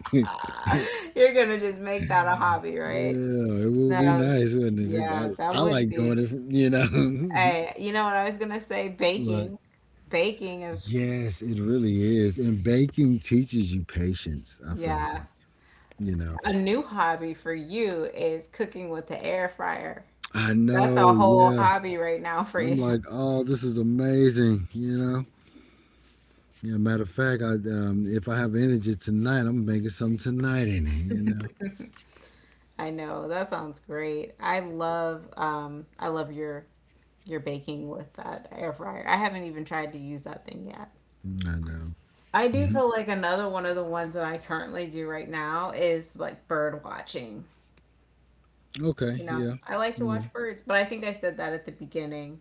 Speaker 2: You're gonna just make that a hobby,
Speaker 1: Yeah,
Speaker 2: right?
Speaker 1: it would be
Speaker 2: No,
Speaker 1: nice, wouldn't it?
Speaker 2: yeah, that
Speaker 1: I
Speaker 2: would
Speaker 1: like doing
Speaker 2: be.
Speaker 1: it, you know.
Speaker 2: Hey, you know what I was gonna say?
Speaker 1: Right.
Speaker 2: Baking. Baking is,
Speaker 1: Yes, it really is. And baking teaches you patience, I feel
Speaker 2: yeah,
Speaker 1: like, you know.
Speaker 2: a new hobby for you is cooking with the air fryer.
Speaker 1: I
Speaker 2: That's a
Speaker 1: know,
Speaker 2: whole
Speaker 1: yeah.
Speaker 2: hobby right now for you.
Speaker 1: I'm like, oh, this is amazing, you know. Yeah, matter of fact, I if I have energy tonight, I'm making something tonight in it, you know.
Speaker 2: I know, that sounds great. I love your baking with that air fryer. I haven't even tried to use that thing yet.
Speaker 1: I know.
Speaker 2: I do feel like another one of the ones that I currently do right now is like bird watching. You
Speaker 1: Okay.
Speaker 2: know,
Speaker 1: Yeah.
Speaker 2: I like to
Speaker 1: Yeah.
Speaker 2: watch birds, but I think I said that at the beginning.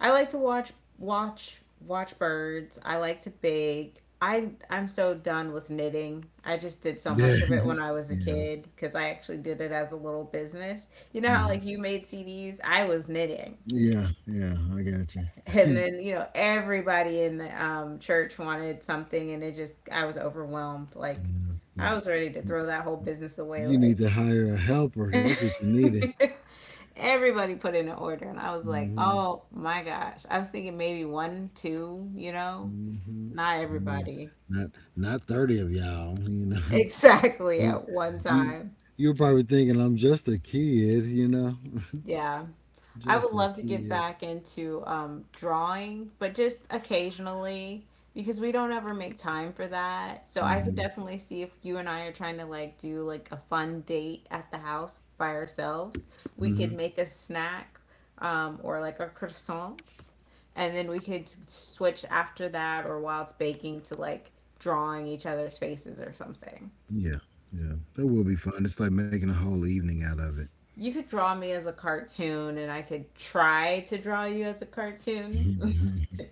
Speaker 2: I like to watch birds. I like to bake. I'm so done with knitting. I just did so
Speaker 1: Yeah.
Speaker 2: much of it when I was a
Speaker 1: Yeah.
Speaker 2: kid because I actually did it as a little business. You know how
Speaker 1: hmm
Speaker 2: like you made CDs? I was knitting.
Speaker 1: Yeah. Yeah. I got
Speaker 2: And
Speaker 1: you.
Speaker 2: then, you know, everybody in the church wanted something and it just I was overwhelmed. Like
Speaker 1: yeah.
Speaker 2: I was ready to
Speaker 1: You
Speaker 2: throw that whole business away
Speaker 1: you need
Speaker 2: like
Speaker 1: to hire a helper. That's what you needed.
Speaker 2: Everybody put in an order, and I was like,
Speaker 1: Mm-hmm.
Speaker 2: oh my gosh. I was thinking maybe one, two, you know?
Speaker 1: Mm-hmm.
Speaker 2: Not
Speaker 1: No,
Speaker 2: everybody.
Speaker 1: not not 30 of y'all. You know,
Speaker 2: Exactly
Speaker 1: you
Speaker 2: at one
Speaker 1: you
Speaker 2: time.
Speaker 1: you're probably thinking I'm just a kid. You know,
Speaker 2: Yeah. I would
Speaker 1: just a
Speaker 2: love to get
Speaker 1: kid.
Speaker 2: back into drawing, but just occasionally because we don't ever make time for that. So I could
Speaker 1: Mm-hmm.
Speaker 2: definitely see if you and I are trying to like do like a fun date at the house by ourselves, we could
Speaker 1: Mm-hmm.
Speaker 2: make a snack or like a croissants, and then we could switch after that or while it's baking to like drawing each other's faces or something.
Speaker 1: Yeah. Yeah. That will be fun. It's like making a whole evening out of
Speaker 2: You could draw me as a cartoon and I could try to draw you as a cartoon.
Speaker 1: it.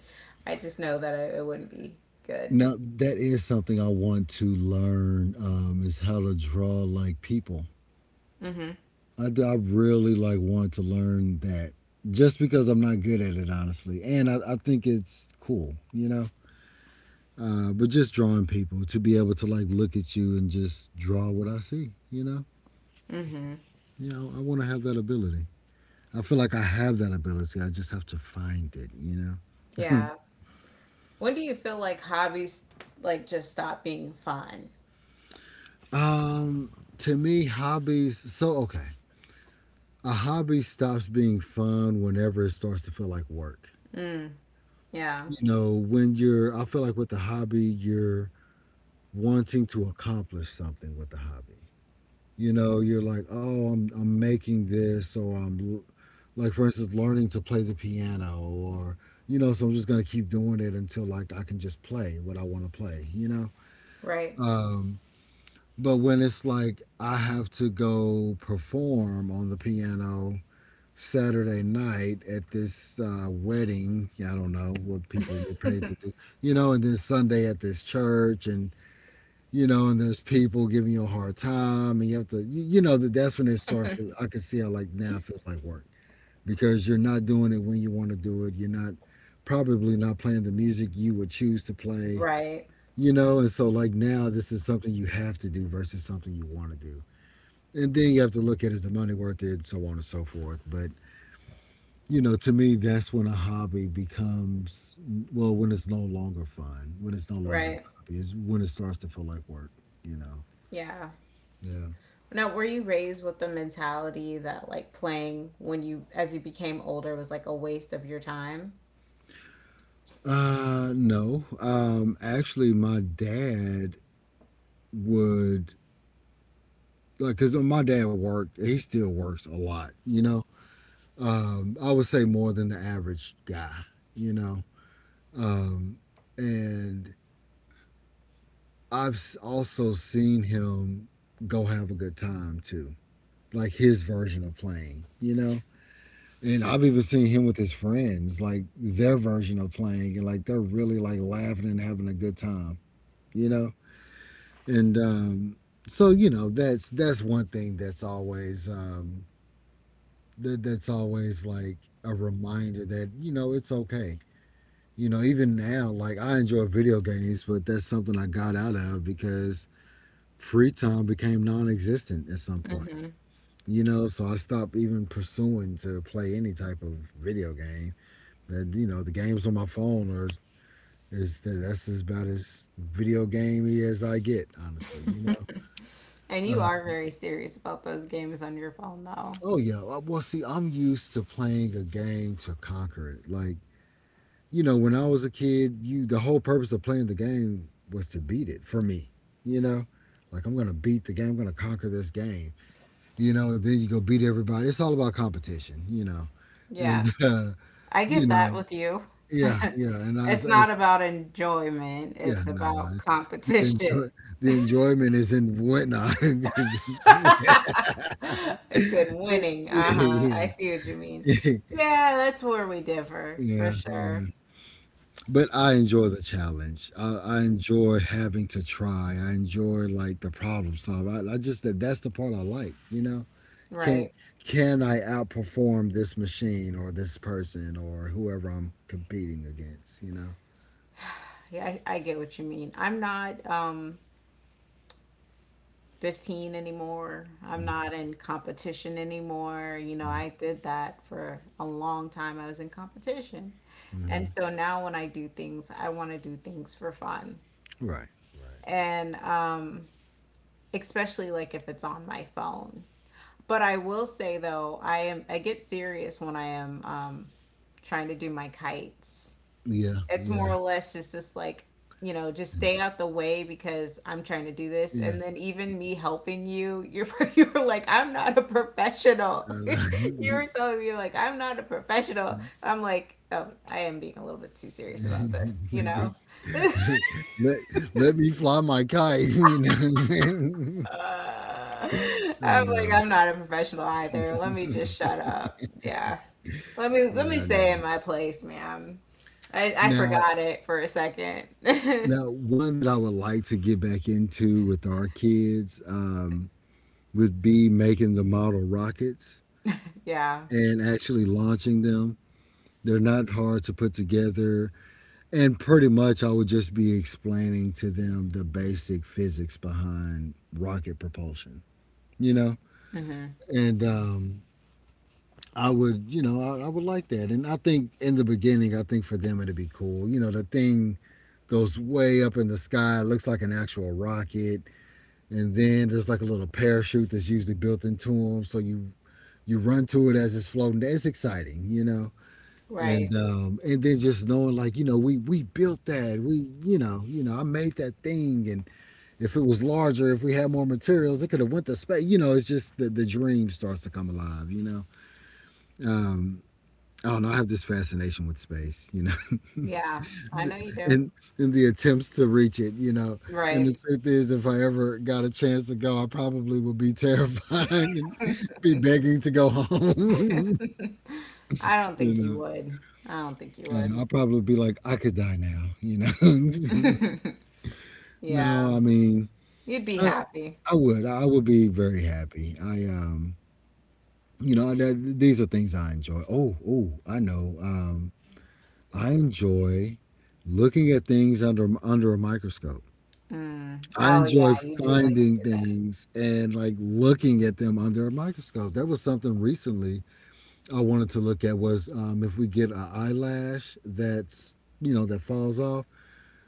Speaker 2: I just know that it wouldn't be good.
Speaker 1: Now that is something I want to learn is how to draw like people. I really like want to learn that just because I'm not good at it honestly, and I think it's cool, you know. But just drawing people to be able to like look at you and just draw what I see, you know. You know, I want to have that ability. I feel like I have that ability. I just have to find it, you know.
Speaker 2: Yeah. When do you feel like hobbies like just stop being fun?
Speaker 1: Um, to me, hobbies. A hobby stops being fun whenever it starts to feel like work.
Speaker 2: Yeah.
Speaker 1: You know, when you're, I feel like with the hobby, you're wanting to accomplish something with the hobby. You know, you're like, oh, I'm making this, or like, for instance, learning to play the piano, or, so I'm just going to keep doing it until, like, I can just play what I want to play, you know?
Speaker 2: Right.
Speaker 1: Um, but when it's like, I have to go perform on the piano Saturday night at this wedding. Yeah, I don't know what people get paid to do, you know, and then Sunday at this church, and you know, and there's people giving you a hard time, and you have to, that's when it starts. To, I can see how like now it feels like work because you're not doing it when you want to do it. You're not probably not playing the music you would choose to play,
Speaker 2: Right.
Speaker 1: you know, and so like now this is something you have to do versus something you want to do. And then you have to look at is the money worth it, and so on and so forth. But you know, to me, that's when a hobby becomes well, when it's no longer fun, when it's no longer
Speaker 2: Right.
Speaker 1: a hobby, is when it starts to feel like work. You know.
Speaker 2: Yeah.
Speaker 1: Yeah.
Speaker 2: Now, were you raised with the mentality that like playing when you as you became older was like a waste of your time?
Speaker 1: No. Actually, my dad would like because my dad worked. He still works a lot. You know. I would say more than the average guy. You know. Um, and I've s- also seen him go have a good time too, like his version of playing. You know. And I've even seen him with his friends, like their version of playing, and like they're really like laughing and having a good time, you know. And So you know that's one thing that's always, that's always like a reminder that you know it's okay. You know, even now, like I enjoy video games, but that's something I got out of because free time became non-existent at some point. You know, so I stopped even pursuing to play any type of video game. That you know, the games on my phone are is that's just about as video gamey as I get, honestly. You know.
Speaker 2: And you
Speaker 1: Uh,
Speaker 2: are very serious about those games on your phone though.
Speaker 1: oh yeah. Well, see, I'm used to playing a game to conquer it. Like you know, when I was a kid, you the whole purpose of playing the game was to beat it for me. You know, like I'm gonna beat the game. I'm gonna conquer this game. You know, then you go beat everybody. It's all about competition. You know,
Speaker 2: Yeah.
Speaker 1: and
Speaker 2: I
Speaker 1: you
Speaker 2: get that
Speaker 1: know,
Speaker 2: with you.
Speaker 1: yeah, yeah. And I,
Speaker 2: It's not about enjoyment,
Speaker 1: yeah,
Speaker 2: it's
Speaker 1: no, no.
Speaker 2: about
Speaker 1: It's, the
Speaker 2: competition.
Speaker 1: enjoy the enjoyment is in whatnot.
Speaker 2: It's in winning. Uh-huh. I
Speaker 1: Yeah.
Speaker 2: see what you mean. Yeah, that's where we differ for
Speaker 1: Yeah,
Speaker 2: sure.
Speaker 1: yeah. But I enjoy the challenge. I enjoy having to try. I enjoy like the problem solve. I just that's the part I like. You know, can
Speaker 2: Right.
Speaker 1: can I outperform this machine or this person or whoever I'm competing against? You know.
Speaker 2: Yeah, I get what you mean. I'm not 15 anymore. I'm not in competition anymore. You know, I did that for a long time. I was in competition. And
Speaker 1: Mm-hmm.
Speaker 2: so now when I do things, I want to do things for fun.
Speaker 1: Right. Right.
Speaker 2: And Especially like if it's on my phone. But I will say though, I am I get serious when I am trying to do my kites.
Speaker 1: Yeah.
Speaker 2: It's
Speaker 1: Yeah.
Speaker 2: more or less just like you know just stay out the way because I'm trying to do this,
Speaker 1: Yeah.
Speaker 2: and then even me helping you, you're you're like I'm not a professional.
Speaker 1: I
Speaker 2: You were
Speaker 1: like-
Speaker 2: telling me like I'm not a professional. I'm like oh I am being a little bit too serious about this, you
Speaker 1: I
Speaker 2: know.
Speaker 1: guess let let me fly my kite, you know. I
Speaker 2: I'm like,
Speaker 1: know.
Speaker 2: I'm not a professional either. Let me just shut up. Yeah. Let
Speaker 1: Yeah, I
Speaker 2: me stay
Speaker 1: know.
Speaker 2: in my place, ma'am. I
Speaker 1: Now,
Speaker 2: forgot it for a second.
Speaker 1: now one that I would like to get back into with our kids would be making the model rockets
Speaker 2: Yeah.
Speaker 1: and actually launching them. They're not hard to put together, and pretty much I would just be explaining to them the basic physics behind rocket propulsion, you know. And I would, you know, I would like that. And I think in the beginning, I think for them it'd be cool. You know, the thing goes way up in the sky, it looks like an actual rocket, and then there's like a little parachute that's usually built into them, so you run to it as it's floating. It's exciting, you know.
Speaker 2: Right.
Speaker 1: And then just knowing, like you know, we built that. We you know I made that thing, and if it was larger, if we had more materials, it could have went to space. You know, it's just the dream starts to come alive. You know, um, I don't know. I have this fascination with space, you know,
Speaker 2: Yeah. I know you do.
Speaker 1: and and the attempts to reach it, you know. And the
Speaker 2: Right.
Speaker 1: truth is, if I ever got a chance to go, I probably would be terrified and be begging to go home,
Speaker 2: I don't
Speaker 1: you
Speaker 2: think you
Speaker 1: know.
Speaker 2: would. I don't think you
Speaker 1: And
Speaker 2: would.
Speaker 1: I'll probably be like, I could die now, you know.
Speaker 2: Yeah.
Speaker 1: No, I mean,
Speaker 2: You'd be
Speaker 1: I,
Speaker 2: happy.
Speaker 1: I would be very happy. I, you know, that, these are things I enjoy. Oh, oh, I know. I enjoy looking at things under a microscope.
Speaker 2: Mm.
Speaker 1: I
Speaker 2: Oh yeah,
Speaker 1: enjoy
Speaker 2: you do like to
Speaker 1: finding
Speaker 2: do that.
Speaker 1: things and like looking at them under a microscope. That was something recently I wanted to look at was if we get an eyelash that's you know that falls off,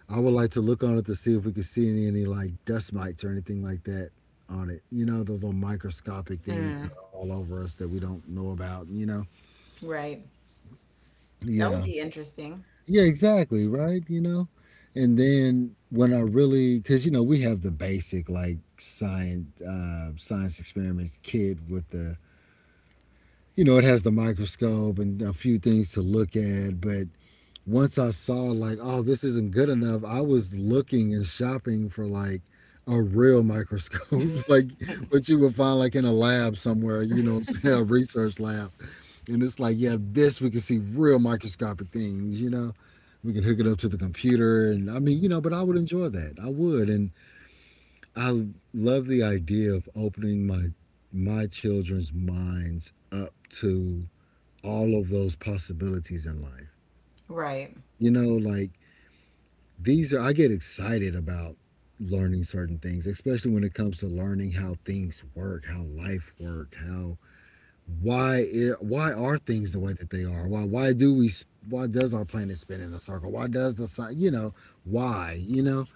Speaker 1: I would like to look on it to see if we could see any like dust mites or anything like that on it. You know those little microscopic things that
Speaker 2: Mm.
Speaker 1: are all over us that we don't know about. You know,
Speaker 2: Right. That would
Speaker 1: yeah.
Speaker 2: be interesting.
Speaker 1: Yeah, exactly, right? You know? And then when I really, because, you know, we have the basic like science experiments kit with the, you know, it has the microscope and a few things to look at. But once I saw like, oh, this isn't good enough, I was looking and shopping for like a real microscope, like what you would find like in a lab somewhere, you know, what I'm saying, a research lab. And it's like, yeah, this we can see real microscopic things, you know? We can hook it up to the computer and I mean you know but I would enjoy that I would. And I love the idea of opening my children's minds up to all of those possibilities in life,
Speaker 2: Right.
Speaker 1: you know, like these are I get excited about learning certain things, especially when it comes to learning how things work, how life work, how why are things the way that they are, why do we why does our planet spin in a circle, why does the sun, you know, why, you know.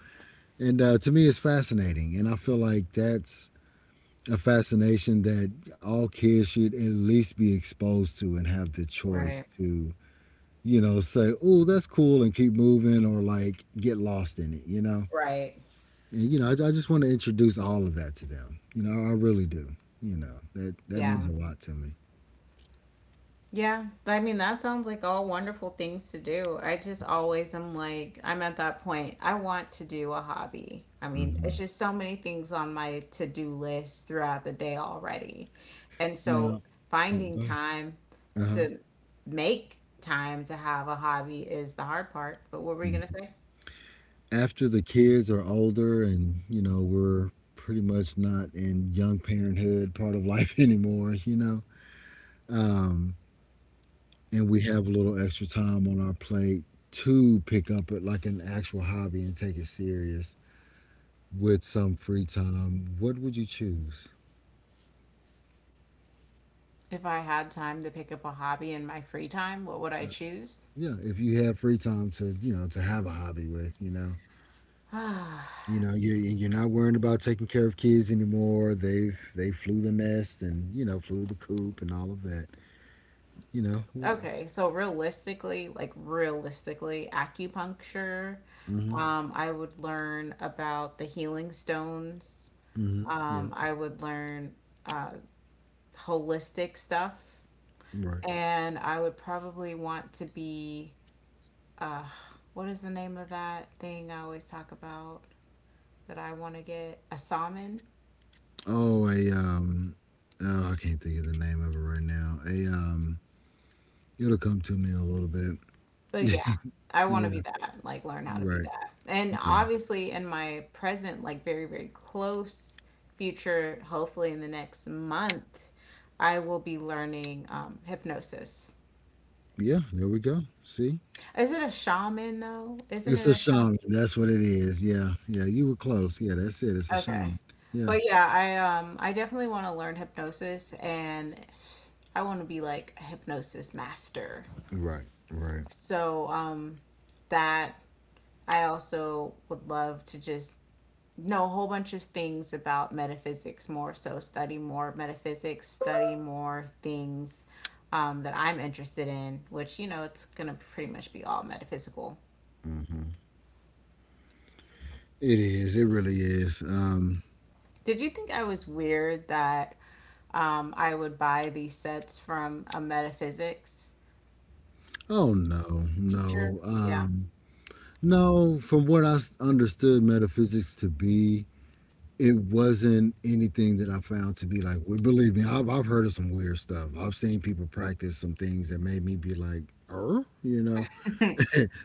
Speaker 1: And To me, it's fascinating. And I feel like that's a fascination that all kids should at least be exposed to and have the choice
Speaker 2: Right.
Speaker 1: to, you know, say, oh, that's cool and keep moving or like get lost in it, you know?
Speaker 2: Right.
Speaker 1: And, you know, I just want to introduce all of that to them. You know, I really do. You know, that, that means
Speaker 2: Yeah.
Speaker 1: a lot to me.
Speaker 2: Yeah, I mean, that sounds like all wonderful things to do. I just always am like, I'm at that point. I want to do a hobby. I mean, it's
Speaker 1: Hmm.
Speaker 2: just so many things on my to do list throughout the day already. And so
Speaker 1: Now, oh, go
Speaker 2: finding
Speaker 1: ahead.
Speaker 2: time
Speaker 1: Uh huh.
Speaker 2: to make time to have a hobby is the hard part. But what were you going to say?
Speaker 1: After the kids are older and you know we're pretty much not in young parenthood part of life anymore, you know, um, and we have a little extra time on our plate to pick up it like an actual hobby and take it serious with some free time, what would you choose?
Speaker 2: If I had time to pick up a hobby in my free time, what would I
Speaker 1: uh,
Speaker 2: choose?
Speaker 1: yeah, if you have free time to you know to have a hobby with, you know, you know you're not worrying about taking care of kids anymore, they've they flew the nest and you know flew the coop and all of that, you know.
Speaker 2: Okay, so realistically, like realistically, acupuncture,
Speaker 1: Hmm.
Speaker 2: I would learn about the healing stones.
Speaker 1: Hmm. Yeah.
Speaker 2: I would learn uh, holistic stuff.
Speaker 1: Right.
Speaker 2: And I would probably want to be, what is the name of that thing I always talk about that I want to get? A shaman?
Speaker 1: Oh, a oh, I can't think of the name of it right now. A it'll come to me in a little bit.
Speaker 2: But yeah, I want to
Speaker 1: Yeah.
Speaker 2: be that, like learn how to be
Speaker 1: Right.
Speaker 2: that. And
Speaker 1: Yeah.
Speaker 2: obviously, in my present, like very close future, hopefully in the next month, I will be learning hypnosis.
Speaker 1: Yeah. There we go. See,
Speaker 2: Is it a shaman though? Isn't
Speaker 1: it's
Speaker 2: it
Speaker 1: a
Speaker 2: a shaman?
Speaker 1: shaman. That's what it is. Yeah. Yeah. You were close. Yeah. That's it. It's a
Speaker 2: Okay.
Speaker 1: shaman. Yeah.
Speaker 2: But yeah, I definitely want to learn hypnosis and I want to be like a hypnosis master.
Speaker 1: Right. Right.
Speaker 2: So that I also would love to just know a whole bunch of things about metaphysics more so study more metaphysics study more things that I'm interested in, which you know it's gonna pretty much be all metaphysical.
Speaker 1: Hmm. It is. It really is.
Speaker 2: Did you think I was weird that I would buy these sets from a metaphysics
Speaker 1: Oh no.
Speaker 2: teacher?
Speaker 1: No.
Speaker 2: Yeah,
Speaker 1: No. From what I s- understood metaphysics to be, it wasn't anything that I found to be like. Well, believe me, I've heard of some weird stuff. I've seen people practice some things that made me be like, you know,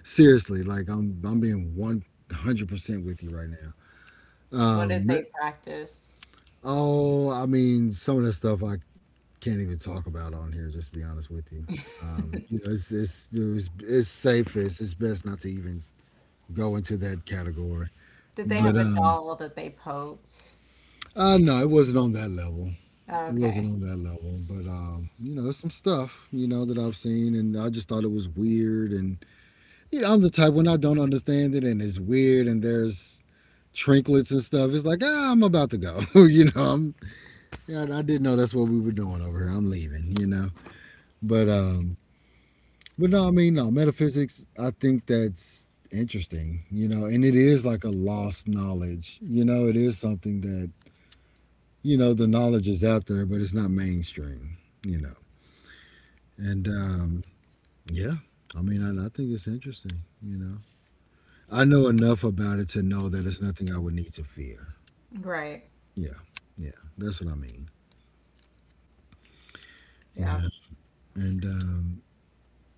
Speaker 1: seriously. Like I'm being 100% with you right now.
Speaker 2: what did
Speaker 1: Um,
Speaker 2: they practice?
Speaker 1: oh, I mean, some of that stuff I can't even talk about on here. Just to be honest with you. You know, it's safest. It's best not to even go into that category.
Speaker 2: Did they
Speaker 1: But
Speaker 2: have a
Speaker 1: um,
Speaker 2: doll that they poked?
Speaker 1: uh, no, it wasn't on that level. It
Speaker 2: Okay,
Speaker 1: wasn't on that level, but you know, there's some stuff you know that I've seen, and I just thought it was weird. And you know, I'm the type when I don't understand it, and it's weird, and there's trinklets and stuff. It's like ah, I'm about to go. You know, I'm yeah, I didn't know that's what we were doing over here. I'm leaving. You know, but um, but no, I mean, no metaphysics. I think that's interesting. You know, and it is like a lost knowledge. You know, it is something that you know the knowledge is out there, but it's not mainstream. You know. And Yeah. I mean, I think it's interesting, you know. I know enough about it to know that it's nothing I would need to fear.
Speaker 2: right.
Speaker 1: Yeah. Yeah. That's what I mean.
Speaker 2: Yeah.
Speaker 1: Yeah. And, um,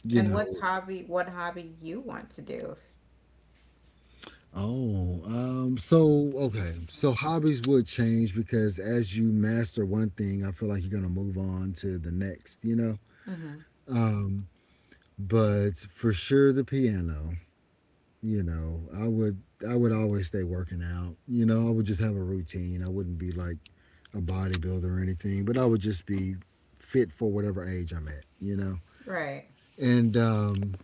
Speaker 1: you
Speaker 2: And
Speaker 1: know,
Speaker 2: what's hobby what hobby you want to do
Speaker 1: okay. So hobbies would change because as you master one thing, I feel like you're going to move on to the next, you know. Um, but for sure, the piano. You know, I would always stay working out. You know, I would just have a routine. I wouldn't be like a bodybuilder or anything, but I would just be fit for whatever age I'm at, you know.
Speaker 2: right.
Speaker 1: And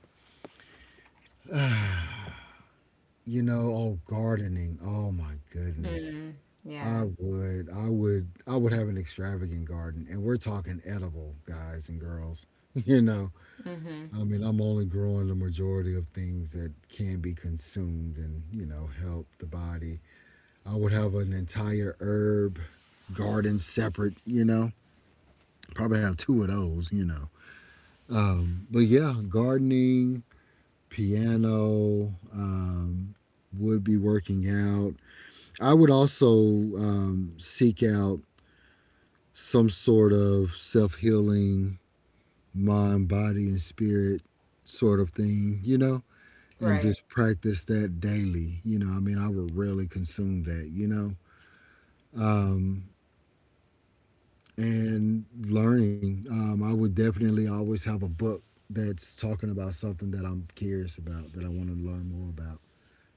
Speaker 1: You know, oh, gardening, oh my goodness.
Speaker 2: Mm,
Speaker 1: i
Speaker 2: yeah.
Speaker 1: would i would i would have an extravagant garden, and we're talking edible, guys and girls. You know,
Speaker 2: Mm-hmm.
Speaker 1: I mean, I'm only growing the majority of things that can be consumed and, you know, help the body. I would have an entire herb garden separate, you know. Probably have two of those, you know. But yeah, gardening, piano, would be working out. I would also seek out some sort of self healing, mind, body, and spirit sort of thing, you know, and
Speaker 2: Right.
Speaker 1: just practice that daily. You know, I mean, I would really consume that, you know. Um, and learning. I would definitely always have a book that's talking about something that I'm curious about that I want to learn more about.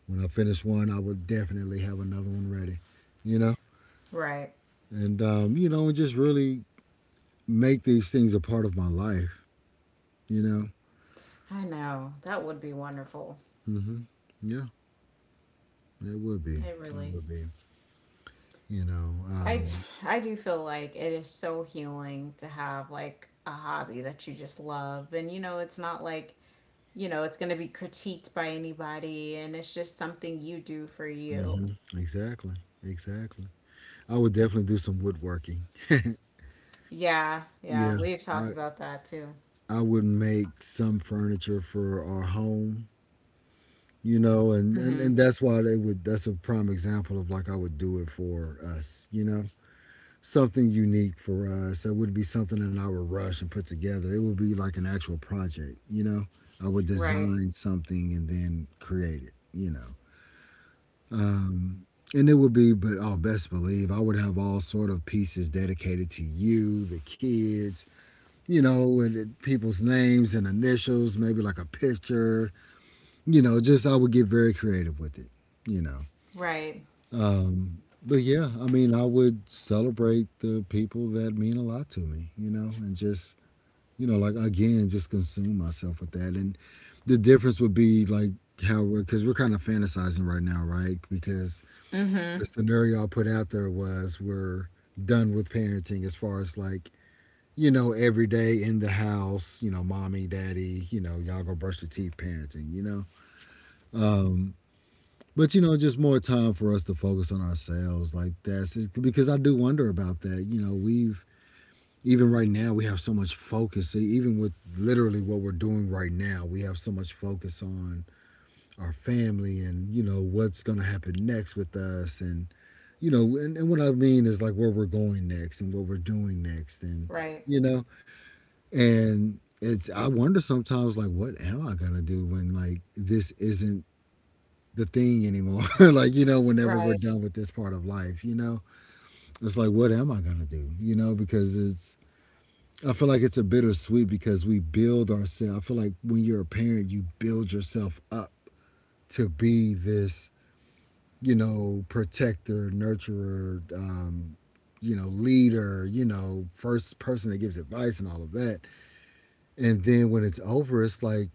Speaker 1: When I finish one, I would definitely have another one ready, you know,
Speaker 2: Right.
Speaker 1: and you know, and just really make these things a part of my life, you know.
Speaker 2: I know. That would be wonderful.
Speaker 1: Hmm. Yeah, it would be.
Speaker 2: I
Speaker 1: It
Speaker 2: really.
Speaker 1: would be. You know.
Speaker 2: I I do feel like it is so healing to have like a hobby that you just love. And you know, it's not like, you know, it's going to be critiqued by anybody and it's just something you do for you.
Speaker 1: Hmm. Exactly. Exactly. I would definitely do some woodworking.
Speaker 2: Yeah. Yeah.
Speaker 1: Yeah.
Speaker 2: We've
Speaker 1: I
Speaker 2: talked about that too.
Speaker 1: I would make some furniture for our home, you know, and, and,
Speaker 2: Mm-hmm.
Speaker 1: and that's why they would, that's a prime example of like I would do it for us, you know, something unique for us. It wouldn't be something that I would rush and put together. It would be like an actual project, you know. I would
Speaker 2: Right.
Speaker 1: design something and then create it, you know. Um, and it would be, but oh, best believe I would have all sort of pieces dedicated to you, the kids, you know, with it, people's names and initials, maybe like a picture, you know, just I would get very creative with it, you know.
Speaker 2: Right.
Speaker 1: But yeah, I mean, I would celebrate the people that mean a lot to me, you know, and just, you know, like again, just consume myself with that. And the difference would be like how we're, because we're kind of fantasizing right now, right? Because
Speaker 2: Mm-hmm.
Speaker 1: the scenario I put out there was we're done with parenting as far as like, you know, every day in the house, you know, mommy, daddy, you know, y'all go brush your teeth parenting, you know? Um, but, you know, just more time for us to focus on ourselves, like that's it, because I do wonder about that. You know, we've, even right now, we have so much focus, even with literally what we're doing right now, we have so much focus on our family and, you know, what's going to happen next with us. And, you know, and what I mean is like where we're going next and what we're doing next. And,
Speaker 2: Right.
Speaker 1: you know, and it's I wonder sometimes like what am I gonna do when like this isn't the thing anymore? Like, you know, whenever we're
Speaker 2: Right.
Speaker 1: done with this part of life, you know? It's like what am I gonna do? You know, because it's I feel like it's a bittersweet because we build ourselves. I feel like when you're a parent, you build yourself up to be this, you know, protector, nurturer, you know, leader, you know, first person that gives advice and all of that. And then when it's over, it's like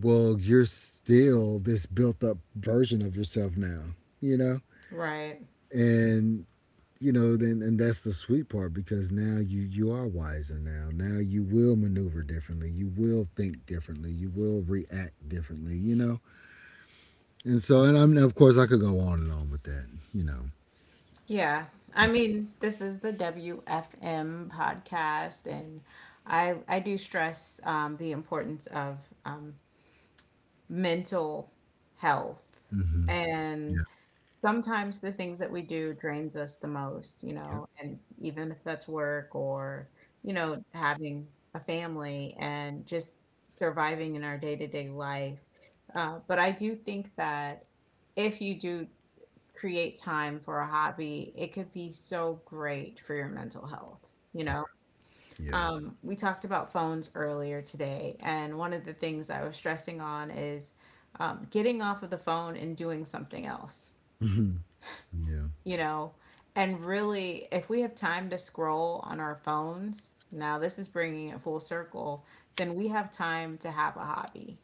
Speaker 1: well, you're still this built up version of yourself now, you know?
Speaker 2: Right.
Speaker 1: And you know, then and that's the sweet part because now you are wiser now. Now you will maneuver differently. You will think differently. You will react differently, you know? And so and I'm of course I could go on and on with that, you know.
Speaker 2: Yeah. I
Speaker 1: Yeah.
Speaker 2: mean, this is the WFM podcast, and I do stress the importance of mental health,
Speaker 1: Mhm.
Speaker 2: and
Speaker 1: Yeah.
Speaker 2: sometimes the things that we do drains us the most, you
Speaker 1: Yep.
Speaker 2: know, and even if that's work or you know having a family and just surviving in our day to day life. But I do think that if you do create time for a hobby, it could be so great for your mental health. You
Speaker 1: Right.
Speaker 2: know,
Speaker 1: Yeah.
Speaker 2: we talked about phones earlier today, and one of the things I was stressing on is getting off of the phone and doing something else,
Speaker 1: Mhm. Yeah.
Speaker 2: you know. And really, if we have time to scroll on our phones, now this is bringing it full circle, then we have time to have a hobby.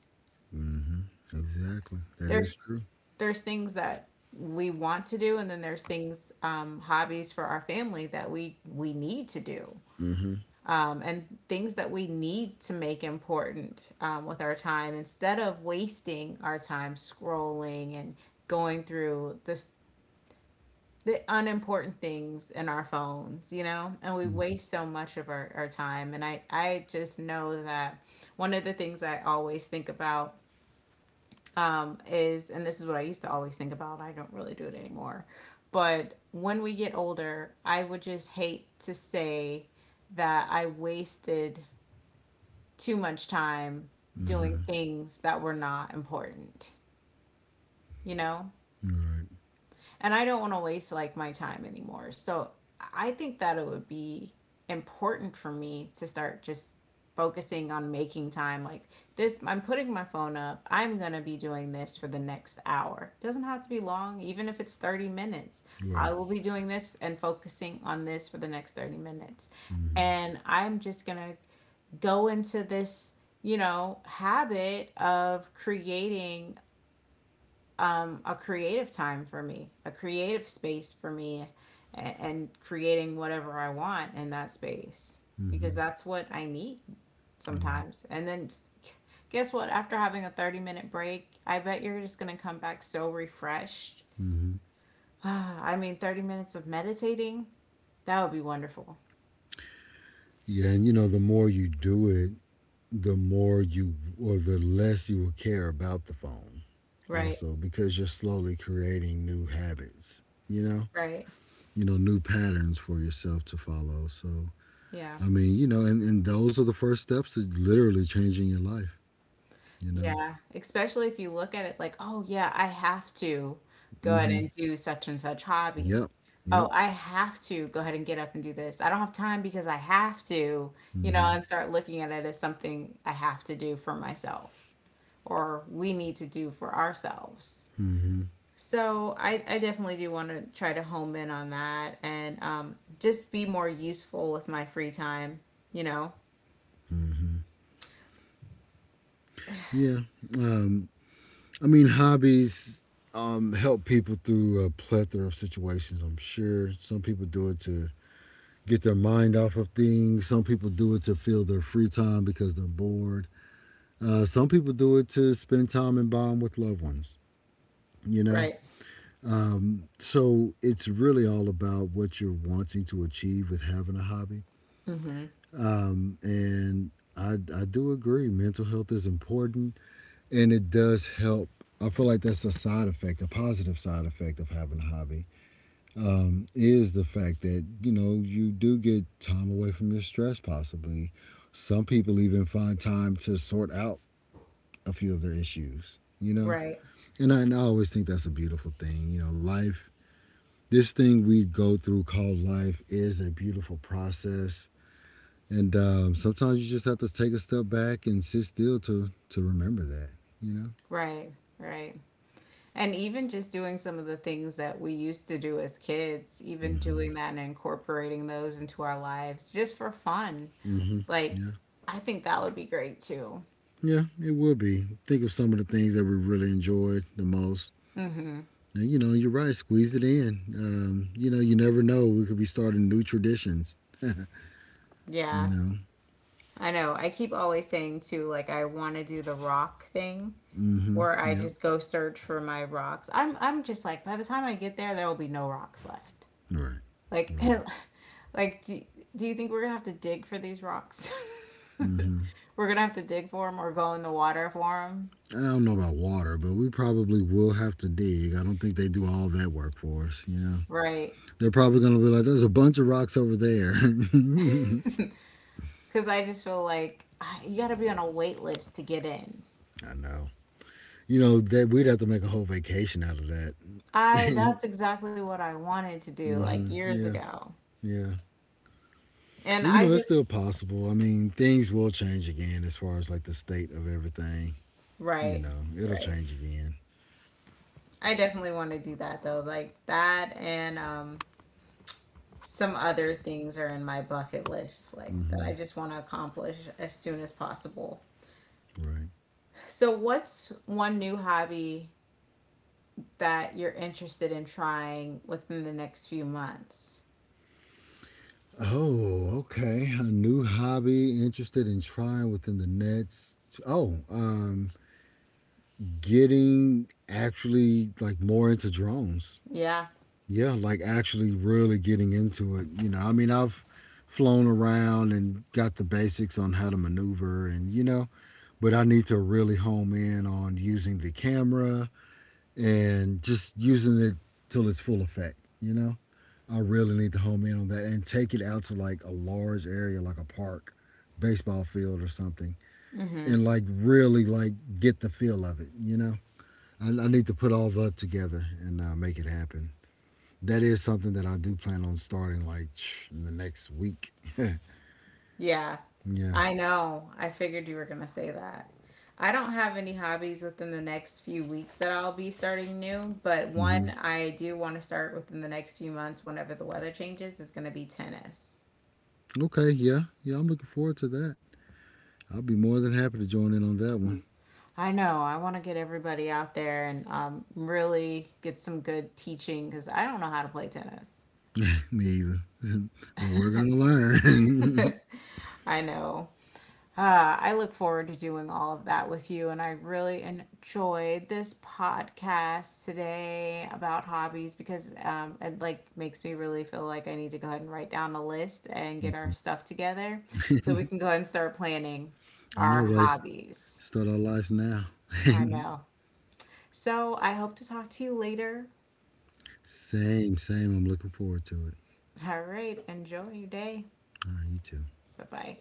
Speaker 1: Mhm. Exactly. That is
Speaker 2: there's
Speaker 1: true.
Speaker 2: there's things that we want to do, and then there's things hobbies for our family that we need to do,
Speaker 1: Mhm.
Speaker 2: and things that we need to make important with our time instead of wasting our time scrolling and going through this the unimportant things in our phones, you know, and we waste so much of our time. And I just know that one of the things I always think about is, and this is what I used to always think about, I don't really do it anymore, but when we get older, I would just hate to say that I wasted too much time doing
Speaker 1: Mhm.
Speaker 2: things that were not important, you know?
Speaker 1: Right.
Speaker 2: And I don't want to waste like my time anymore. So I think that it would be important for me to start just focusing on making time. Like, this I'm putting my phone up. I'm going to be doing this for the next hour. It doesn't have to be long, even if it's 30 minutes, I
Speaker 1: Right.
Speaker 2: will be doing this and focusing on this for the next 30 minutes,
Speaker 1: Mhm.
Speaker 2: and I'm just going to go into this, you know, habit of creating a creative time for me, a creative space for me, and creating whatever I want in that space, because
Speaker 1: Mhm.
Speaker 2: that's what I need
Speaker 1: Right.
Speaker 2: sometimes. And then guess what? After having a 30-minute break, I bet you're just going to come back so refreshed.
Speaker 1: Hmm.
Speaker 2: I mean, 30 minutes of meditating, that would be wonderful.
Speaker 1: Yeah, and you know, the more you do it, the more you or the less you will care about the phone.
Speaker 2: Right,
Speaker 1: Also, because you're slowly creating new habits. You know,
Speaker 2: right.
Speaker 1: you know, new patterns for yourself to follow. So,
Speaker 2: Yeah.
Speaker 1: I mean, you know, and those are the first steps to literally changing your life. You know.
Speaker 2: Yeah, especially if you look at it like, oh, yeah, I have to go ahead
Speaker 1: Mm-hmm.
Speaker 2: and do such and such hobby.
Speaker 1: Yep.
Speaker 2: Oh,
Speaker 1: Yep.
Speaker 2: I have to go ahead and get up and do this. I don't have time because I have to, you know,
Speaker 1: Mm-hmm.
Speaker 2: and start looking at it as something I have to do for myself or we need to do for ourselves.
Speaker 1: Mm-hmm.
Speaker 2: So I definitely do want to try to home in on that, and just be more useful with my free time, you know?
Speaker 1: Mm-hmm. Yeah. Um, I mean, hobbies help people through a plethora of situations, I'm sure. Some people do it to get their mind off of things, some people do it to fill their free time because they're bored. Some people do it to spend time and bond with loved ones, you know?
Speaker 2: Right.
Speaker 1: So it's really all about what you're wanting to achieve with having a hobby.
Speaker 2: Mm-hmm.
Speaker 1: And I do agree, mental health is important. And it does help. I feel like that's a side effect, a positive side effect of having a hobby, is the fact that you know you do get time away from your stress. Possibly, some people even find time to sort out a few of their issues. You know,
Speaker 2: Right,
Speaker 1: and I always think that's a beautiful thing. You know, life, this thing we go through called life, is a beautiful process, and sometimes you just have to take a step back and sit still to remember that. You know.
Speaker 2: right, right. And even just doing some of the things that we used to do as kids, even doing that and incorporating those into our lives just for fun.
Speaker 1: Mm hmm.
Speaker 2: Like,
Speaker 1: Yeah.
Speaker 2: I think that would be great too.
Speaker 1: Yeah, it will be. Think of some of the things that we really enjoyed the most. And, you know, you're right, squeeze it in. You know, you never know. We could be starting new traditions. You
Speaker 2: Yeah.
Speaker 1: know?
Speaker 2: I know. I keep always saying too, like, I want to do the rock thing
Speaker 1: Mm hmm.
Speaker 2: where I
Speaker 1: Yep.
Speaker 2: just go search for my rocks. I'm just like by the time I get there there will be no rocks left.
Speaker 1: Right.
Speaker 2: Like
Speaker 1: Right.
Speaker 2: like do you think we're going to have to dig for these rocks?
Speaker 1: Mm hmm.
Speaker 2: We're going to have to dig for them or go in the water for them?
Speaker 1: I don't know about water, but we probably will have to dig. I don't think they do all that work for us, you know.
Speaker 2: Right.
Speaker 1: They're probably going to be like, there's a bunch of rocks over there.
Speaker 2: Because I just feel like ah, you got to be on a wait list to get in.
Speaker 1: I know. You know, that we'd have to make a whole vacation out of that.
Speaker 2: I, that's exactly what I wanted to do
Speaker 1: Mm-hmm.
Speaker 2: like years
Speaker 1: Yeah,
Speaker 2: ago.
Speaker 1: yeah.
Speaker 2: And
Speaker 1: Hey, you
Speaker 2: I
Speaker 1: know, it's still
Speaker 2: just,
Speaker 1: possible. I mean, things will change again as far as like the state of everything. You
Speaker 2: right,
Speaker 1: know, it'll
Speaker 2: right.
Speaker 1: change again.
Speaker 2: I definitely want to do that though. Like that, and some other things are in my bucket list, like that I
Speaker 1: Hmm.
Speaker 2: just want to accomplish as soon as possible.
Speaker 1: Right.
Speaker 2: So, what's one new hobby that you're interested in trying within the next few months?
Speaker 1: Oh, okay. A new hobby interested in trying within the next. Oh, um, Getting actually like more into drones.
Speaker 2: Yeah.
Speaker 1: Yeah, like actually really getting into it. You know, I mean, I've flown around and got the basics on how to maneuver and you know, but I need to really home in on using the camera and just using it till it's full effect, you know? I really need to home in on that and take it out to like a large area, like a park, baseball field or something, and like really like get the feel of it, you know? I need to put all that together and make it happen. That is something that I do plan on starting like in the next week.
Speaker 2: Yeah,
Speaker 1: Yeah.
Speaker 2: I know. I figured you were going to say that. I don't have any hobbies within the next few weeks that I'll be starting new, but one
Speaker 1: Hmm.
Speaker 2: I do want to start within the next few months whenever the weather changes is going to be tennis.
Speaker 1: Okay. Yeah. Yeah. I'm looking forward to that. I'll be more than happy to join in on that one.
Speaker 2: I know. I want to get everybody out there and really get some good teaching, because I don't know how to play tennis.
Speaker 1: Me either. But we're going to learn.
Speaker 2: I know. I look forward to doing all of that with you. And I really enjoyed this podcast today about hobbies, because it like makes me really feel like I need to go ahead and write down a list and get our stuff together so we can go ahead and start planning
Speaker 1: I
Speaker 2: our
Speaker 1: know, right?
Speaker 2: hobbies.
Speaker 1: Start our lives now.
Speaker 2: I know. So I hope to talk to you later.
Speaker 1: Same, same. I'm looking forward to it.
Speaker 2: All right. Enjoy your day.
Speaker 1: All right, you too.
Speaker 2: Bye bye.